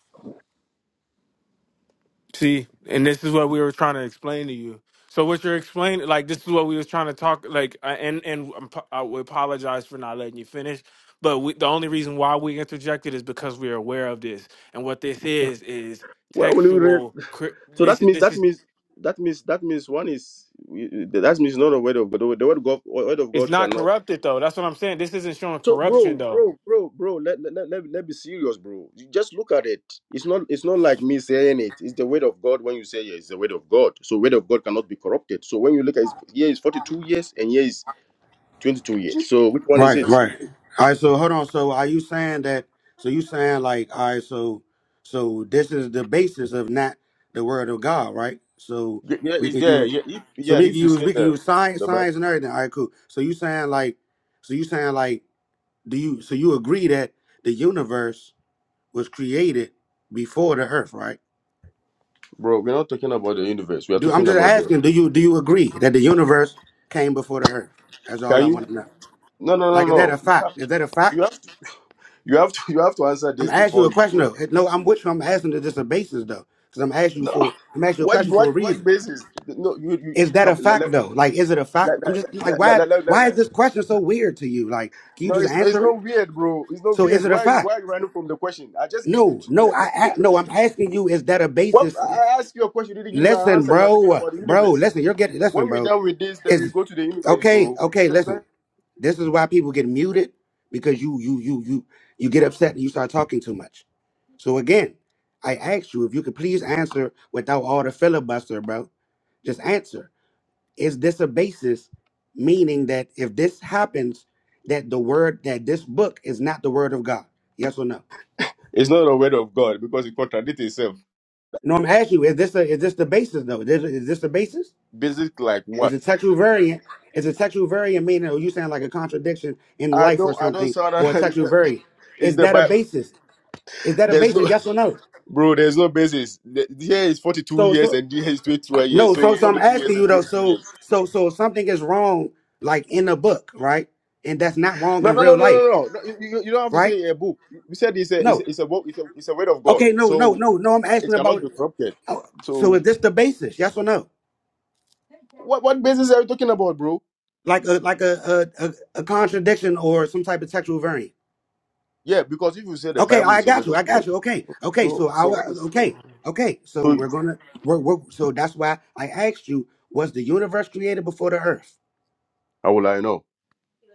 See, and this is what we were trying to explain to you. So what you're explaining, like this is what we was trying to talk, like, I- and and I'm po- I would apologize for not letting you finish, but we, the only reason why we interjected is because we are aware of this, and what this is is
Where will you read?
textual. cri-
So
This
that means
this
that
is
means that means that means one is that means not the word of God. The word of God, word of
It's
God
not
cannot.
corrupted though. That's what I'm saying. This isn't showing
So
corruption
bro,
though.
bro, bro, bro, let, let, let, let, let be serious, bro. You just look at it. It's not it's not like me saying it. It's the word of God when you say yeah, it's the word of God. So word of God cannot be corrupted. So when you look at it, here is 42 years and here is 22 years. So which one is
Right,
it?
right. All right, so hold on. So are you saying that so you saying like all right, so so this is the basis of not the word of God, right? So
Yeah, yeah,
we
it's
can
there.
use
Yeah, if
so
yeah,
we can
if you
use
say
we can
the
use science
the Bible,
science and everything. All right, cool. So you saying like so you saying like do you so you agree that the universe was created before the earth, right?
bro, we're not talking about the universe. We are
Do I'm
talking
just
about the.
asking, do you do you agree that the universe came before the earth? That's all
Can
I
you?
want to know.
No, no, no,
Like is that a
no. You
fact?
have,
Is that a
you
fact?
have to. You have to <laughs> you have to answer
I'm
this
asking you
before
a
you
question
go
though.
there.
No, I'm with you. I'm asking it just a basis though, because I'm asking you
No.
for I'm asking you a
What
question for a
what what
reason.
basis? No, you you
Is that
come
a
let
fact
let
though? Like, is it a fact?
let
I'm
let
just like,
let,
why
let, let, let,
why
let.
is this question so weird to you? Like, can you
No,
just
it's not, it's
answer it?
not weird, bro. It's not
So, is
weird.
it a
Why are you
fact?
why are you running from the question? I just give you
No,
t-
no,
the,
I,
the,
I
the,
no.
the
I'm asking you, is that a
what
basis?
I I asked you a question, you didn't give me an
Listen,
answer. You are talking
bro,
about the
bro,
universe.
listen. You're getting
When
listen,
we're
bro.
done with this, then we
Is
go to the universe,
okay,
bro.
okay. Listen. This is why people get muted because you you you you you get upset and you start talking too much. So again, I asked you if you could please answer without all the filibuster, bro. Just answer. Is this a basis, meaning that if this happens, that the word that this book is not the word of God? Yes or no?
It's not a word of God because it contradicts itself.
No, I'm asking you. Is this a, is this the basis though? Is, is this the basis?
Basic like
Is
what?
it textual variant? Is it textual variant meaning? Or you saying like a contradiction in
I
life or
don't I don't
something?
sound
Or a
<laughs>
textual variant?
it's
Is
the
that a
Bible.
basis? Is that a
There's no
basis? Yes or no?
Bro, there's no basis. The the year is 42
So
years
so
and the year is 21 years.
no.
So
So so I'm
42
asking
years
you
and
though.
22
So
years.
so so if something is wrong, like in the book, right? And that's not wrong
No,
in
no, no,
real
no,
life,
no, no. no you, you you don't have to
right?
say a book. We said it's a, it's
No.
a, it's a, wo- it's a, it's a word of God.
Okay. No. No.
So
No. No. I'm asking
it cannot
about.
be corrupted.
oh, So is
So
this the basis? Yes or no?
what, what basis are you talking about, bro?
Like a like a a, a, a contradiction or some type of textual variant.
Yeah, because if you say the
Okay,
Bible
I
is a
got
word
you. I
of God,
got you. Okay, okay.
so,
So I
so
wa-
what is, uh,
okay, okay. So
so
we're gonna we're, we're so that's why I asked you: Was the universe created before the earth?
how will I know?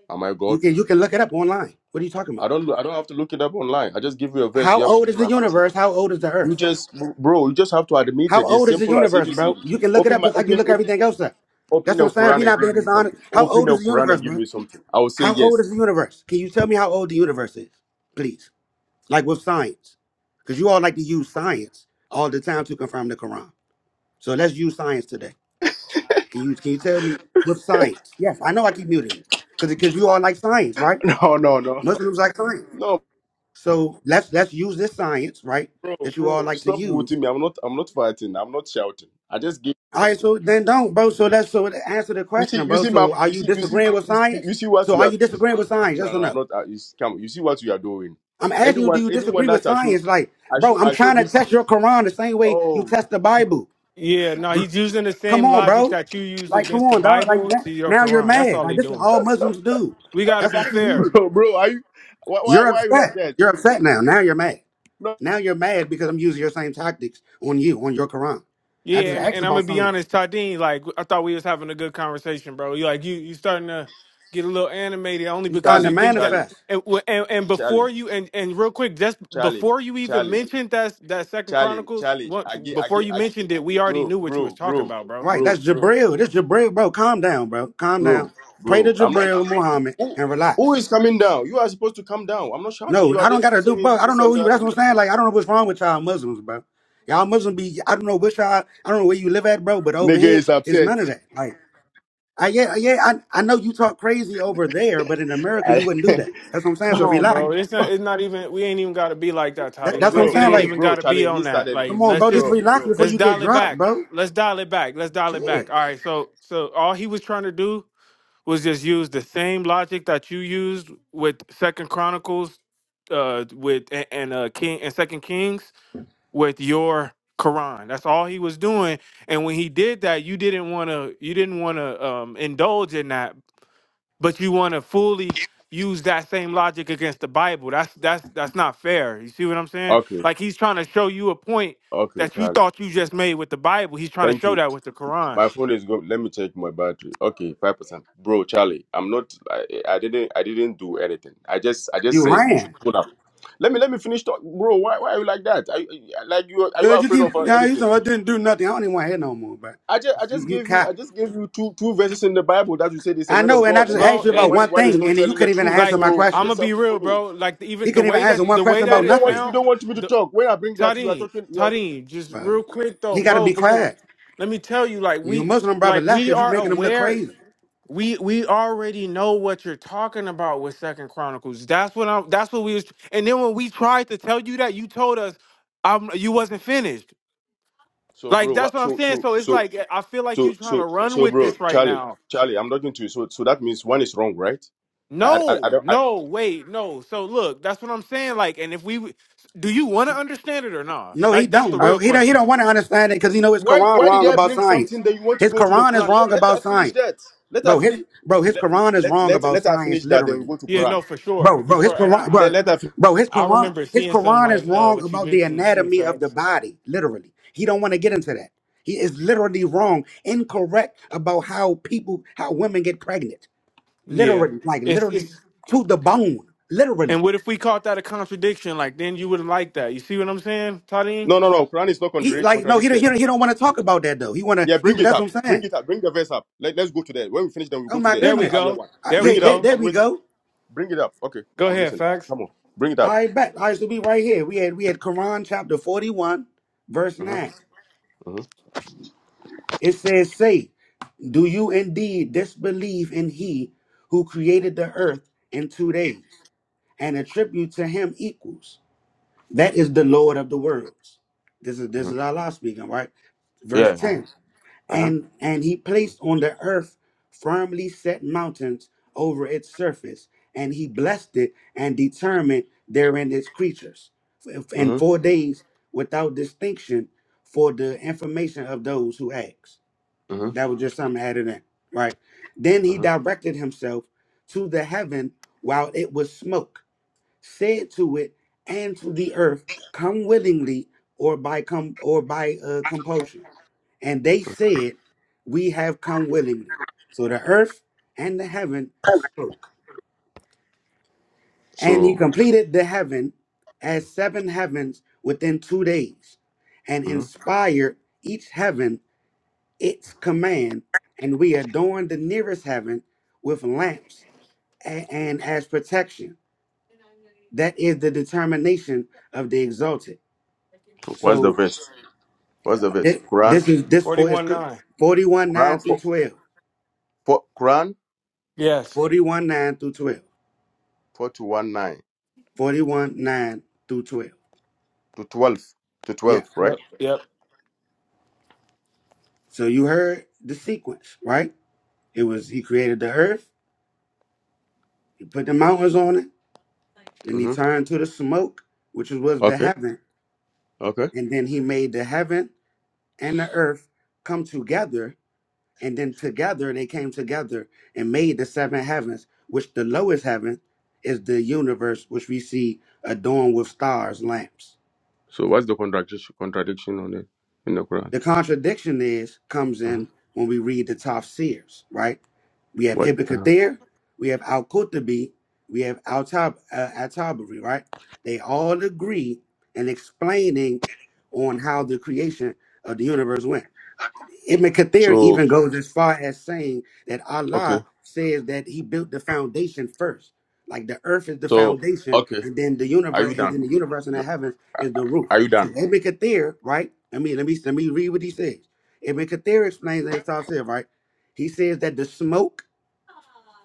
Am I
You
God?
can you can look it up online. What are you talking
I
about?
don't know. I don't have to look it up online. I just give you a verse.
How
You have to
old
give
is
me
the
an answer.
universe? How old is the
You
earth?
just, bro, you just have to admit
How
it. It's
old is the
simple as
universe, bro?
ABCD.
You can look it
Open
up
my
just like you
open.
look everything else up.
Open
That's what I'm
your
saying. We're
Quran and
not
give
being
me
dishonest.
something.
How
Open
old is
your
the
Quran and
universe,
give
bro?
me something. I will say
How old
yes.
is
<laughs>
the universe? Can you tell me how old the universe is, please? Like with science, because you all like to use science all the time to confirm the Quran. So let's use science today. Can you can you tell me with science? Yes, I know I keep muting because because you all like science, right?
No, no, no.
Muslims like science.
No,
So let's let's use this science, right?
bro,
That you all
bro,
like to
stop
use.
muting me. I'm not I'm not fighting. I'm not shouting. I just gave you
All right,
something.
so then don't, bro. So that's so to answer the
You see,
question,
you
bro.
see my
So are
you
you
see you see
disagreeing with
you see
science?
you see what
So
we
are
are
you disagreeing with science?
no
Yes
no
or
I'm
no?
not uh, you see, come you see what we are doing.
I'm asking you, do
Anyone
you
anyone
disagree with
that I show
science? Like,
I
bro,
show
I'm
I show
trying to
this
test your Quran the same way you
oh
test the Bible.
Yeah,
<laughs>
no,
bro
he's using the
Come
same
on,
logic
bro.
that you used
Like, come
against the
on, dog. Like
Bible to
that.
your
Now you're
Quran. That's
mad.
all
Like
they
this is what
doing.
all Muslims do.
We got to
That's
be
why I keep muting you
fair.
needed.
bro, bro are you why why
You're
why are you like
upset.
that?
You're upset now. Now you're mad.
No
Now you're mad because I'm using your same tactics on you, on your Quran. I
Yeah,
just
and,
asked
and I'm gonna
about
be
science.
honest, Tadeen. Like I thought we was having a good conversation, bro. You like you you starting to get a little animated only
You starting
because
to
you
Charlie,
think that.
Charlie,
manifest.
And and, and before
Charlie,
you and, and real quick, just
Charlie,
before you even
Charlie.
mentioned that that Second
Charlie,
Chronicles,
Charlie,
once
I gave, I
before
gave,
you mentioned it, we already
bro,
knew what you was
bro,
talking
bro,
about, bro.
Right,
bro,
that's
bro,
Jabril. That's Jabril, bro. Calm down, bro. Calm down.
bro,
Pray to
bro. I'm not.
Jabril Muhammad
Who,
and
who
relax.
is coming down? You are supposed to come down. I'm not shouting.
No,
You are
I don't gotta
just
do bro.
saying
I don't
this
know
and
who you
that
that's
and
what I'm
that.
saying. Like I don't know what's wrong with y'all Muslims, bro. Y'all Muslim be I don't know which y'all I don't know where you live at, bro, but over
Nigga
here
is
it's
upset.
none of that. Like I yeah, yeah, I, I know you talk crazy over there, but in America you
I,
wouldn't do
<laughs>
that. That's what I'm saying.
Come
So
on, bro.
relax.
It's not. It's not even. We ain't even got to be like that,
That,
bro,
Toddy.
that's what I'm
Like
bro,
it
saying.
ain't
bro,
Like,
even
bro,
got to be
Charlie,
on
he
that.
started it.
Like
come on,
let's
bro, just
just
Bro,
relax
bro.
before
let's
you get
dial it
dropped,
back.
bro.
Let's dial it back. Let's dial it
Shit.
back. All right. So so all he was trying to do was just use the same logic that you used with Second Chronicles, uh, with and, and uh King and Second Kings with your Quran. That's all he was doing. And when he did that, you didn't want to. You didn't want to um indulge in that but you want to fully use that same logic against the Bible. That's that's that's not fair. You see what I'm saying?
Okay,
Like he's trying to show you a point
okay,
that you
Charlie.
thought you just made with the Bible. He's trying to
Thank
show
you.
that with the Quran,
My phone is good. Let me check my battery. Okay, five percent, bro, Charlie. I'm not. I, I didn't. I didn't do anything. I just. I just
You
said we should
ran.
pull up. Let me. Let me finish talk, bro. Why? Why are you like that? Are, you- like you? Are you
Cause you
afraid
keep
of uh,
now you said
anything?
I didn't do nothing. I don't even want to hear no more, but
I just, I
you
just
you
gave you
can't.
I just gave you two two verses in the Bible that you said is a
I
word
know,
of
and I
God
just
and then
asked
bro.
you
and the
And
about
one
one
one
uh,
is
thing,
uh,
not
and then you
telling the
couldn't even
truth.
answer
like
my
So you
I'm
question.
gonna
just
be
have to
real,
follow.
bro. Like even
He
the
couldn't even
way that
answer one
the way
question
You don't
that
about
you
it
don't
nothing.
want you
sound,
don't want me to
the
talk. When I bring that you are
Tareem,
talking you are
Tareem, just
But
real quick though,
he got to
bro.
be
Because
quiet.
let me tell you, like
Your
we
Muslim brother
like
left
we
because you
are
making him look
aware
crazy.
We we already know what you're talking about with Second Chronicles. That's what I'm. That's what we was. And then when we tried to tell you that, you told us, um, you wasn't finished.
So
Like
bro,
that's
what
what I'm
so
saying.
so
So it's
so
like I feel like you're
so
trying to
so
run
so
with
bro,
this right
Charlie,
now.
Charlie, I'm talking to you. So so that means one is wrong, right? I I, I
No,
don't I,
no, wait, no. So look, that's what I'm saying. Like, and if we do, you want to understand it or not?
No, he
Like that's the
don't, bro.
real
He don't. He
question.
don't want to understand it because he know his
why
Quran
why did
wrong
I
about
bring
science.
something that you want to
His
go to the
Quran is
Quran? Let
wrong
let her
about science.
finish that. Let her
Bro, his
finish
bro, his Quran is
let
wrong
let
about
let her
science
finish that then we
literally.
go to
Yeah,
His,
Quran.
no, for sure,
bro,
for
bro, his
sure. And
Quran,
I
bro,
Let let her fin-
bro, his
I, I
Quran,
remember
his
seeing some
Quran is
like uh
wrong
what you
about the
mentioned the two
anatomy of the
facts.
body literally. He don't want to get into that. He is literally wrong, incorrect about how people, how women get pregnant,
Yeah,
literally, like
it's
literally
it's
to the bone,
And
literally.
what if we caught that a contradiction? Like then you wouldn't like that. You see what I'm saying, Tadim?
no no no Quran is not
He
contra-
like no, he don't, he
contradicted.
don't, he don't want to talk about that though. He wanna
Yeah,
he
bring it
that's
up.
what I'm
Bring
saying.
it up. Bring the verse up. Let, let's go to the when we finish, then we
Oh
go to
my
the
There we
goodness.
Atalia
go.
one.
Uh,
There
Bring
we
yeah,
it
there,
up.
go.
there
I'm
we
waiting.
go.
Bring it up. Okay,
Go
I'm
ahead,
listening.
facts.
Come on, bring it up.
I bet I used to be right here. We had we had Quran chapter forty one, verse
hmm
nine.
hmm
It says, "Say, do you indeed disbelieve in He who created the earth in two days and attribute to Him equals? That is the Lord of the worlds." This is this
hmm
is Allah speaking, right? Verse
Yeah.
ten.
Uh-huh.
and and he placed on the earth firmly set mountains over its surface and he blessed it and determined therein its creatures and
Uh-huh.
four days without distinction for the information of those who ask
hmm hmm
that was just something added in right then he
hmm
directed himself to the heaven while it was smoke said to it and to the earth come willingly or by com or by uh, compulsion and they said, We have come willingly. So the earth and the heaven spoke. And he
So,
completed the heaven as seven heavens within two days, and
mhm.
inspired each heaven its command. And we adorned the nearest heaven with lamps a- and as protection. That is the determination of the exalted.
what's the
So
verse? What's the verse?
thi-
Quran.
this is this
Forty
for is
one nine.
41 9
Quran
through
for,
12.
for Quran
Yes.
41 9 through 12.
four to one nine
41, 9 through 12.
to twelve to
Yeah.
twelve, right?
Yep. Yep.
So you heard the sequence, right? It was he created the earth, he put the mountains on it, then he
hmm
turned to the smoke, which was the
Okay.
heaven,
Okay.
and then he made the heaven and the earth come together, and then together they came together and made the seven heavens, which the lowest heaven is the universe, which we see adorned with stars, lamps.
So, what's the contradiction contradiction on it in the Quran?
The contradiction is comes
uh huh
in when we read the Tafsirs, right? We have
What?
Ibn
uh huh
Kathir, we have Al Qurtubi, we have Al Tab uh, Al Tabari, right? They all agree in explaining on how the creation of the universe went. Ibn Kathir
So,
even goes as far as saying that
okay.
Allah says that He built the foundation first. Like the earth is the
So,
foundation,
okay.
and then the
Are you
universe, and
done?
then the universe and the heavens is the roof.
Are you
So
done?
Ibn Kathir, right? I mean, let me let me read what he says. Ibn Kathir explains that it's all said, right? He says that the smoke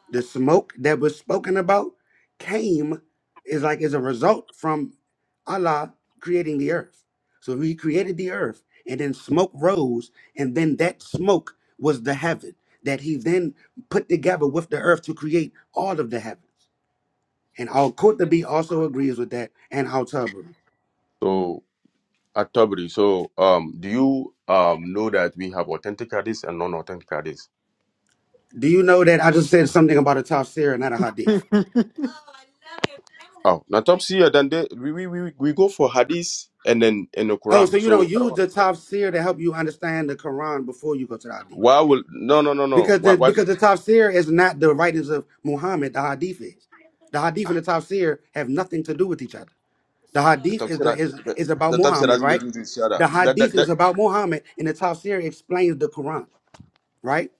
the smoke that was spoken about came is like as a result from Allah creating the earth. So he created the earth and then smoke rose and then that smoke was the heaven that he then put together with the earth to create all of the heavens. And Al-Qurtubi also agrees with that and Al-Tabari.
So at Tabri, so um, do you um know that we have authentic hadiths and non-authentic hadiths?
Do you know that I just said something about a tafsir and not a hadith?
<laughs>
Oh, now Topsy, uh, then they, we, we we we go for hadiths and then in the
Oh,
Quran.
so you
So
don't
I don't
use the
understand.
tafsir to help you understand the Quran before you go to the hadith.
Why will no no no no?
Because
Why
the
why?
because the tafsir is not the writings of Muhammad, the hadith is. The hadith
Ah,
and the tafsir have nothing to do with each other. The
the
hadith is
Topsy
the
that
is
the,
is about
the Topsy
Muhammad,
doesn't do
right?
this other.
The
That that
hadith
that
is about Muhammad, and the tafsir explains the Quran, right?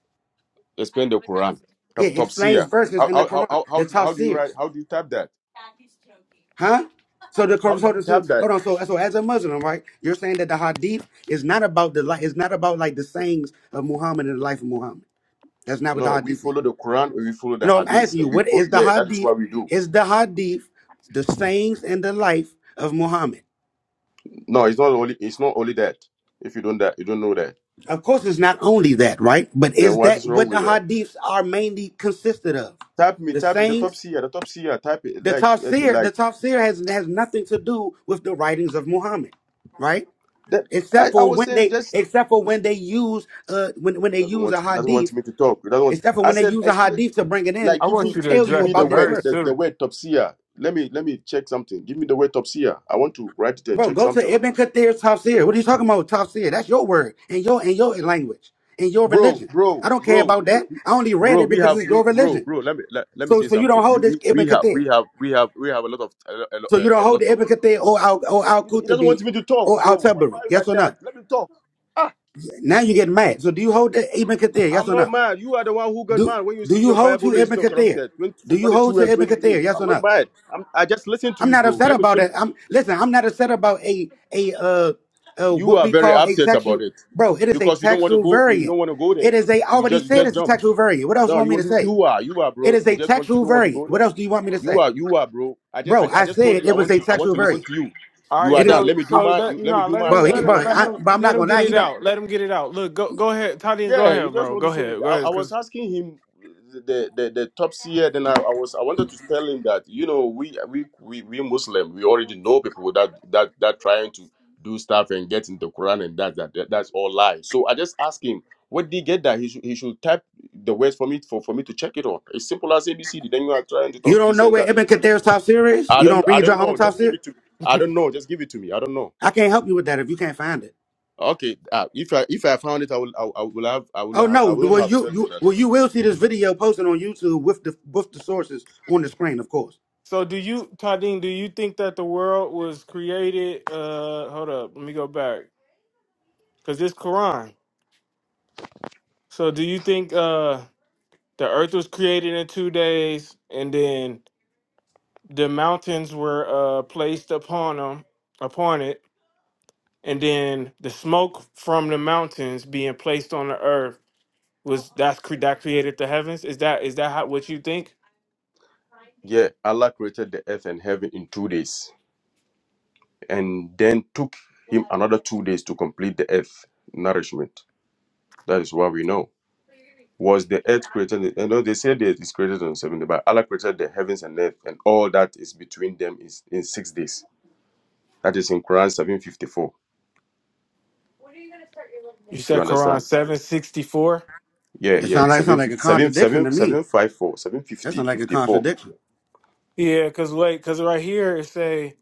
explain the Quran.
Yeah,
Top Topsy,
explains
uh,
verses
how
in the
how how
Quran.
how how
The
do, how do you write?
tafsirs,
How do you type that?
huh? So the
How
Quran-
do
so,
you
the-
type
so
that?
hold on. So so as a Muslim, right? You're saying that the hadith is not about the life. It's not about like the sayings of Muhammad and the life of Muhammad. That's not what the
No, we
hadith is.
follow the Quran and we follow the
No, I'm
Hadith.
asking you,
And we
what
fo-
is the
yeah, that is
hadith?
what we do.
Is the hadith the sayings and the life of Muhammad?
No, it's not only it's not only that. If you don't that you don't know that,
Of course, it's not only that, right? But
then
is
what
that
is wrong
what the
with that?
hadiths are mainly consisted of?
Type me,
The
type the top
sayings,
seer, the top seer, type it
the
like it's
tafsir, the
like
tafsir has has nothing to do with the writings of Muhammad, right?
that.
Except
I, I
for
was
when
saying
they,
just
except for when they use, uh, when when
he
they
doesn't
use a
want he doesn't want
hadith,
me to talk. He doesn't want
except for
I
when they
said
use a
explain
hadith to bring it in
like
I
give
want
to
me
you to
tell
give
you
address
me
the
the
about this
word
verse
verse.
the, the
too.
word top seer. Let me let me check something. Give me the word top seer. I want to write it and
Bro,
check
go
something
to
right
Ibn
now.
Kathir's Tafsir. What are you talking about, Tafsir? That's your word and your and your language and your
Bro,
religion. I
bro,
don't care
bro,
about
we,
that.
we
I only read
bro,
it
we
because
have
it's your
we bro,
religion.
bro, let me let, let me
So
say
so you don't
something. We,
hold this
we
Ibn
we have
Kathir.
we have we have we have a lot of a, lo- a,
So
lo-
you don't
a
hold
lot
the
of
Ibn Kathir or Al or Al
You don't- he doesn't
Qutbi
want me to talk,
or Al
bro. Why, why
Tabari.
are you
Yes
like
or no?
that? Let me talk. Ah,
Now you get mad. So do you hold the Ibn Kathir? Yes
I'm
or
not
no?
mad. You are the one who got
Do
mad when you
do
see
you
your
hold to
Bible is
Ibn
not
Kathir?
corrupted. 20,
Do you hold
42
to
and
Ibn Kathir?
22.
Yes or
I'm not
no?
mad. I'm, I just listen to
I'm
you,
not
bro.
upset
Let me
about
fin-
it. I'm listen. I'm not upset about a a uh, uh
You
what
are
we
very
call a
upset
textual
about it
bro. It is a
because you don't want to
textual
go. You
variant.
don't want to go there.
It is a I
You
already
just you
said
just
it's a
jump.
textual variant. What else you
No,
want me
you
to
you
say?
you are you are
It
bro.
is
You
a
just want you
textual
don't want to go
variant. What
there.
else do you want me to
You
say,
are you are bro. I just
bro?
I, I
I
just told
said
you
it
I
was
want
a
to I want
textual
to listen
variant.
to you.
All
You
right,
are
It is,
done.
so
Let me do
so
my
let
you, let me
no,
do
let
my
bro.
him
side. I
He,
let
don't
him
bro.
want
let
you to
I,
him
but I'm
let
not
him
gonna
get
lie. He
it
don't.
out. Let him get it out. Look, go go ahead, Tadine, go
Yeah, you
ahead,
just
bro.
want
Go
to say.
ahead, go
I, I
ahead,
was
cause.
asking him the the, the top seer. Then I, I was I wanted to tell him that you know we we we we Muslim we already know people that that that trying to do stuff and get into Quran and that that, that that's all lies. So I just asked him where did he get that he should he should type the words for me for for me to check it on. It's simple as ABCD. Then you are trying to
You
talk
don't
this
know
and
where
that.
Ibn Kathir's top series?
I
You don't
don't I
read your
don't
own
know.
top
Just give
series?
it to me.
<laughs>
I don't know. Just give it to me. I don't know.
I can't help you with that if you can't find it.
Okay, uh, if I if I found it, I will I, will- I will have I
Oh
will have,
no!
I will
Well,
have
you
tell you
you
that I
well
don't
you
know.
will see this video posted on YouTube with the with the sources on the screen, of course.
so do you, Tadine? Do you think that the world was created? Uh, hold up, let me go back, cause it's Quran. So do you think? Uh, the earth was created in two days and then the mountains were uh placed upon them upon it and then the smoke from the mountains being placed on the earth was that's cre- that created the heavens is that is that how, what you think
Yeah, Allah created the earth and heaven in two days, and then took him another two days to complete the earth nourishment. That is what we know. Was the earth created? You know they say the earth is created on seven days, but Allah created the heavens and earth, and all that is between them is in six days. That is in Quran seven fifty four.
you
You
said quran
understand?
764
Yeah,
It
yeah.
sounds like
Seven
sound like a
fifty-seven,
contradiction
seven,
to
seven,
me.
seven five four, seven
That
fifty,
sounds like a
fifty four.
contradiction.
yeah because wait because right here it say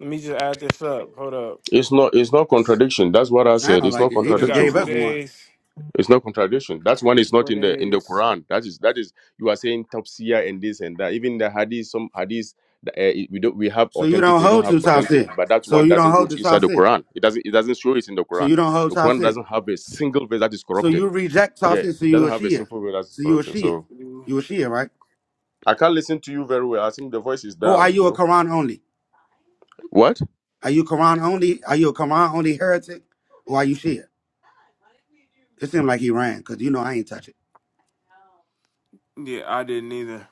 let me just add this up hold up
It's not it's not contradiction. That's what I
I
said.
don't
It's
like
not
it.
so
He
we
just
got
contradiction,
gave
two
bro.
us one.
days
It's not contradiction. That's one is not
four
in the in the
days
Quran. That is that is you are saying tafsir and this and that. Even the hadith, some hadith uh, we don't we have
So you
authentic,
don't
we don't
hold
have
to top
authentic.
six.
But that
So
one
you don't
doesn't go
hold to
to
top
inside the
six.
Quran. It doesn't it doesn't show it in the
So
Quran.
you don't hold
The
top
Quran
six.
doesn't have a single verse that is
So
corrupted.
you reject top
Yeah, it
six. So you
doesn't
a
have a
Shia.
single verse that is
So you a
corrupted.
Shia.
So
two.
You a Shia, right?
I can't listen to you very well. I think the voice is
Or are
down,
you a
bro.
Quran only?
What?
Are you Quran only? Are you a Quran only heretic? Or are you Shia? It seemed like he ran because you know I ain't touch it.
yeah i didn't either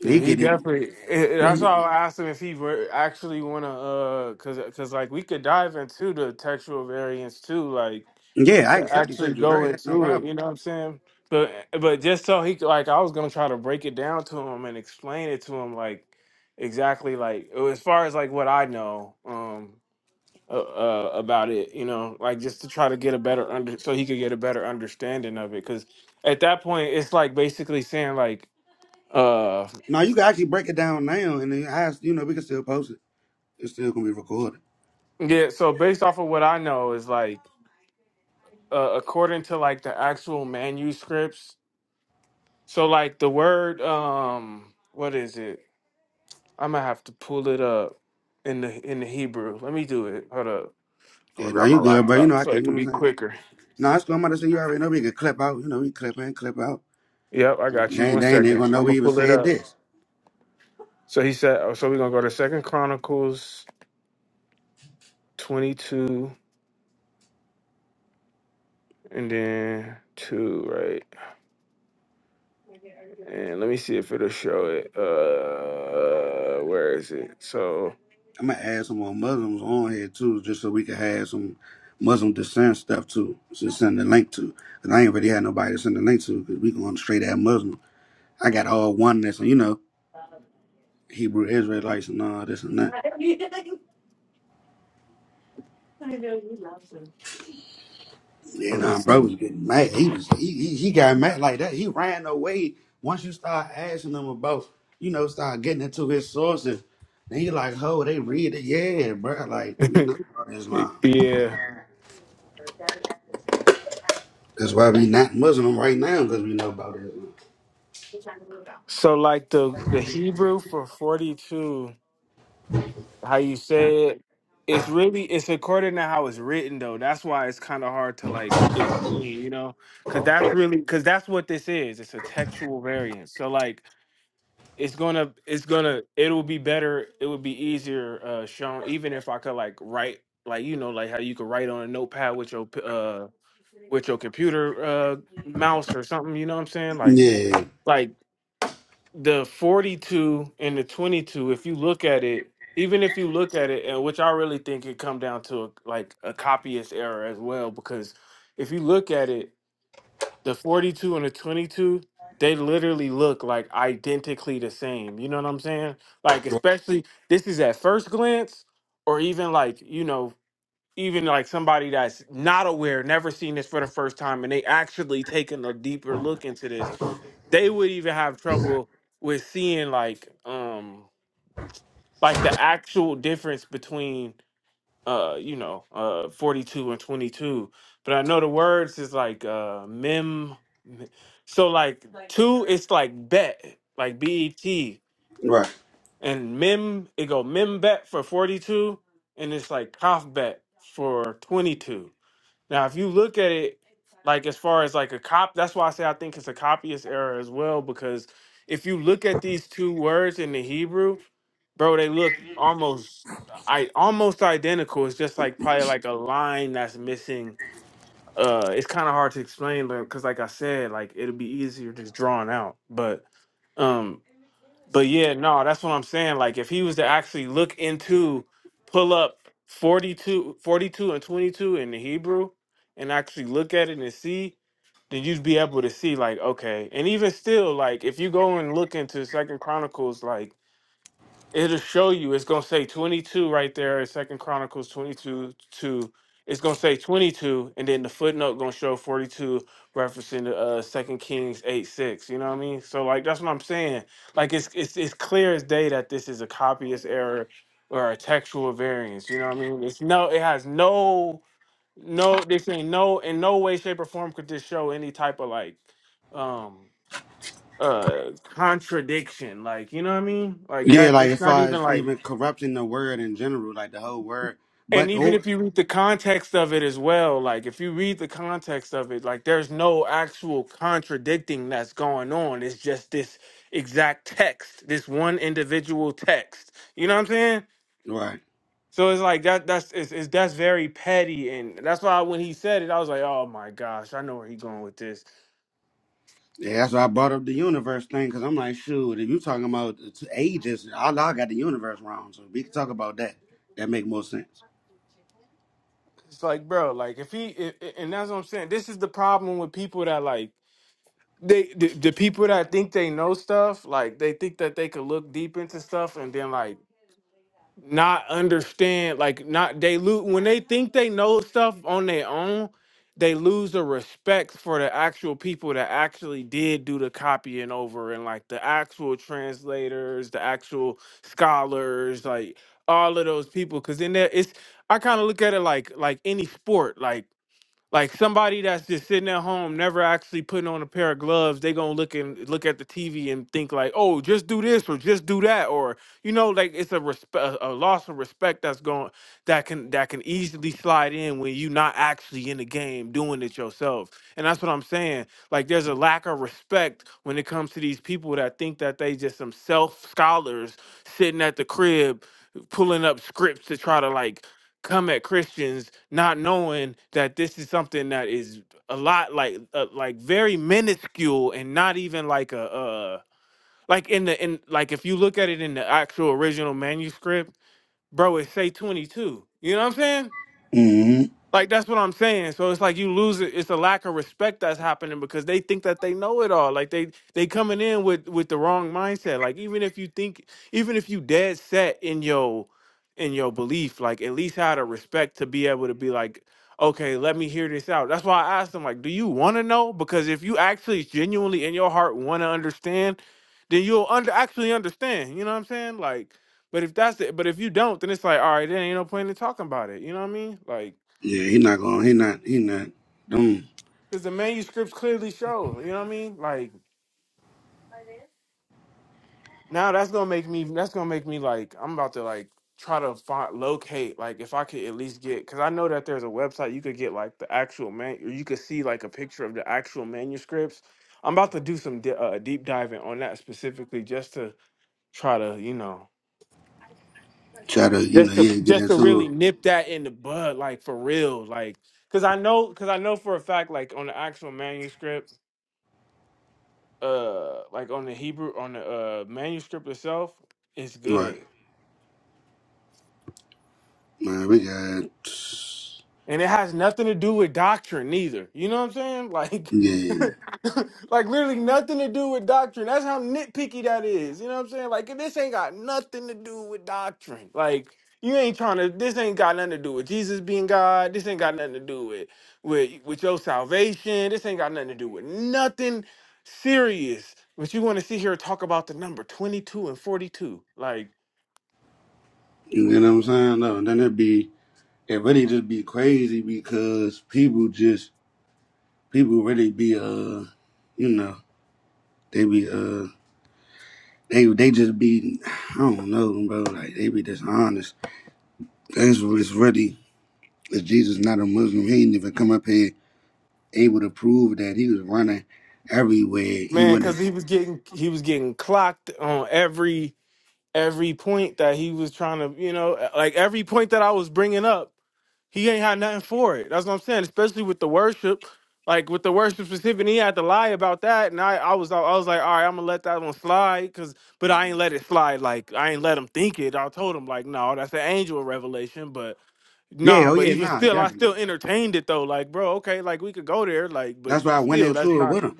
And
Yeah,
he
he
get in.
definitely. eh, eh,
Yeah,
That's why I asked him if he were actually want to, uh, cause, cause like we could dive into the textual variants too, like
yeah I
to
accept the
actually
text.
go
very that no
into it.
problem.
You know what I'm saying? But but just so he could, like, I was gonna try to break it down to him and explain it to him, like exactly like oh, as far as like what I know, um, uh, uh, about it. You know, like just to try to get a better under, so he could get a better understanding of it. Cause at that point, it's like basically saying like. uh.
Now you can actually break it down now and then ask. You know we can still post it. It's still gonna be recorded.
Yeah, so based off of what I know is like uh, according to like the actual manuscripts. So like the word um what is it? I'm gonna have to pull it up in the in the Hebrew. Let me do it. Hold up. I'm gonna
Yeah, now
grab my
you good, but you
laptop
know I
so
can.
it
You
could
know what
be
I'm saying?
quicker.
No, that's what I'm about to say. You already know we can clip out. You know we clip in, clip out.
Yep, I got you.
They ain't,
One
they ain't even
second.
gonna know
I'm gonna
we even
pull it
said
up.
this.
So he said oh, so we're gonna go to Second Chronicles twenty two and then two, right? And let me see if it'll show it. Uh, where is it? So
I'm gonna add some more Muslims on here too, just so we can have some Muslim dissent stuff too. So send the link to. Cause I ain't really had nobody to send the link to. Cause we going straight at Muslim. I got all oneness and you know Hebrew Israelites and all this and that.
let
And
me
um,
see.
bro was getting mad. He was he, he he got mad like that. He ran away. Once you start asking him about, you know, start getting into his sources, and he like, oh, they read it, yeah, bro. Like we know about Islam.
<laughs> yeah.
That's why we not Muslim right now because we know about Islam.
So like the the Hebrew for forty two, how you say it, it's really it's according to how it's written though. That's why it's kind of hard to like explain, you know, because that's really because that's what this is. It's a textual variant. So like it's gonna it's gonna it will be better it would be easier uh sean even if i could like write like you know like how you could write on a notepad with your p- uh with your computer uh mouse or something you know what i'm saying like
Yeah,
like the 42 and the 22 if you look at it even if you look at it and which i really think it come down to a, like a copyist error as well because if you look at it the 42 and the 22 they literally look like identically the same you know what i'm saying like especially this is at first glance or even like you know even like somebody that's not aware never seen this for the first time and they actually taking a deeper look into this they would even have trouble with seeing like um like the actual difference between uh you know uh 42 and 22 but i know the words is like uh mem m- so like Like- two it's like bet like bet
right.
and mem it go mem bet for 42 and it's like cough bet for 22 now, if you look at it, like as far as like a cop, that's why I say I think it's a copyist error as well. Because if you look at these two words in the Hebrew, bro, they look almost, I almost identical. It's just like probably like a line that's missing. Uh, it's kind of hard to explain, but because like I said, like it'll be easier just drawn out. But, um, but yeah, no, that's what I'm saying. Like if he was to actually look into pull up 42, 42 and 22 in the Hebrew and actually look at it and see, then you'd be able to see like okay. And even still like if you go and look into Second Chronicles like it'll show you it's gonna say 22 right there second chronicles 22 2 it's gonna say 22 and then the footnote gonna show 42 referencing the uh second kings 8 6 you know what i mean so like that's what i'm saying like it's it's, it's clear as day that this is a copyist error or a textual variance you know what i mean it's no it has no no this ain't no in no way shape or form could this show any type of like um uh contradiction like you know what i mean like
Yeah,
that
like
it's
as
not
far
even
as
like
even corrupting the word in general, like the whole word,
And
but
even
or
if you read the context of it as well, like if you read the context of it, like there's no actual contradicting that's going on. It's just this exact text, this one individual text. You know what I'm saying?
right.
So it's like that. That's it's, it's that's very petty, and that's why when he said it, I was like, oh my gosh, I know where he's going with this.
Yeah, that's why I brought up the universe thing because I'm like, shoot, if you talking about the t- ages, Allah got the universe wrong, so we can talk about that. That make more sense.
It's like, bro, like if he, i i- and that's what I'm saying. This is the problem with people that like they the, the people that think they know stuff, like they think that they could look deep into stuff and then like not understand, like not they lose when they think they know stuff on their own, they lose the respect for the actual people that actually did do the copying over and like the actual translators, the actual scholars, like all of those people. Cause in there it's I kind of look at it like like any sport. Like like somebody that's just sitting at home, never actually putting on a pair of gloves, they gonna look and look at the TV and think like, "Oh, just do this or just do that," or you know, like it's a respect, a a loss of respect that's going that can that can easily slide in when you're not actually in the game doing it yourself. And that's what I'm saying. Like there's a lack of respect when it comes to these people that think that they just some self scholars sitting at the crib pulling up scripts to try to like come at Christians not knowing that this is something that is a lot like uh, like very minuscule and not even like a uh like in the in like if you look at it in the actual original manuscript, bro, it say 22. You know what I'm saying?
hmm
Like that's what I'm saying. So it's like you lose it. It's a lack of respect that's happening because they think that they know it all. Like they they coming in with with the wrong mindset. Like even if you think, even if you dead set in your in your belief, like at least have the respect to be able to be like, okay, let me hear this out. That's why I asked them like, do you want to know? Because if you actually genuinely in your heart want to understand, then you'll under actually understand. You know what I'm saying? Like, but if that's it, but if you don't, then it's like, all right, then ain't no point in talking about it. You know what I mean? Like.
Yeah, he not going. He not. He not. Don't
Because the manuscripts clearly show, you know what I mean? Like now that's gonna make me that's gonna make me like I'm about to like try to find locate like if I could at least get because I know that there's a website you could get like the actual man or you could see like a picture of the actual manuscripts. I'm about to do some di- uh, deep diving on that specifically just to try to you know
try to. You know,
just to
yeah, get
just to really
into
nip that in the bud like for real like because I know because I know for a fact like on the actual manuscripts uh like on the Hebrew on the uh manuscript itself, it's
it. Right,
good.
man. We got.
And it has nothing to do with doctrine either. You know what I'm saying? Like
Yeah,
<laughs> like literally nothing to do with doctrine. That's how nitpicky that is. You know what I'm saying? Like this ain't got nothing to do with doctrine. Like you ain't trying to this ain't got nothing to do with Jesus being God. This ain't got nothing to do with with with your salvation. This ain't got nothing to do with nothing serious. But you want to sit here and talk about the number 22 and 42. Like
you get what I'm saying. No, then it be. It really just be crazy because people just people really be uh, you know, they be uh they they just be I don't know, bro. Like they be dishonest. That's what it's really if Jesus not a Muslim, he ain't even come up here able to prove that he was running everywhere. He
Man,
went to
because he was getting he was getting clocked on every every point that he was trying to, you know, like every point that I was bringing up, he ain't had nothing for it. That's what I'm saying. Especially with the worship, like with the worship specific, he had to lie about that, and I I was I was like, all right, I'm gonna let that one slide, cause but I ain't let it slide. Like I ain't let him think it. I told him like, no, that's an angel revelation, but Nah,
yeah, oh
but
yeah,
even
nah,
still, I
definitely.
still entertained it though. Like, bro, okay, like we could go there, like, but
That's why I went
still, that's
into it
not.
with him.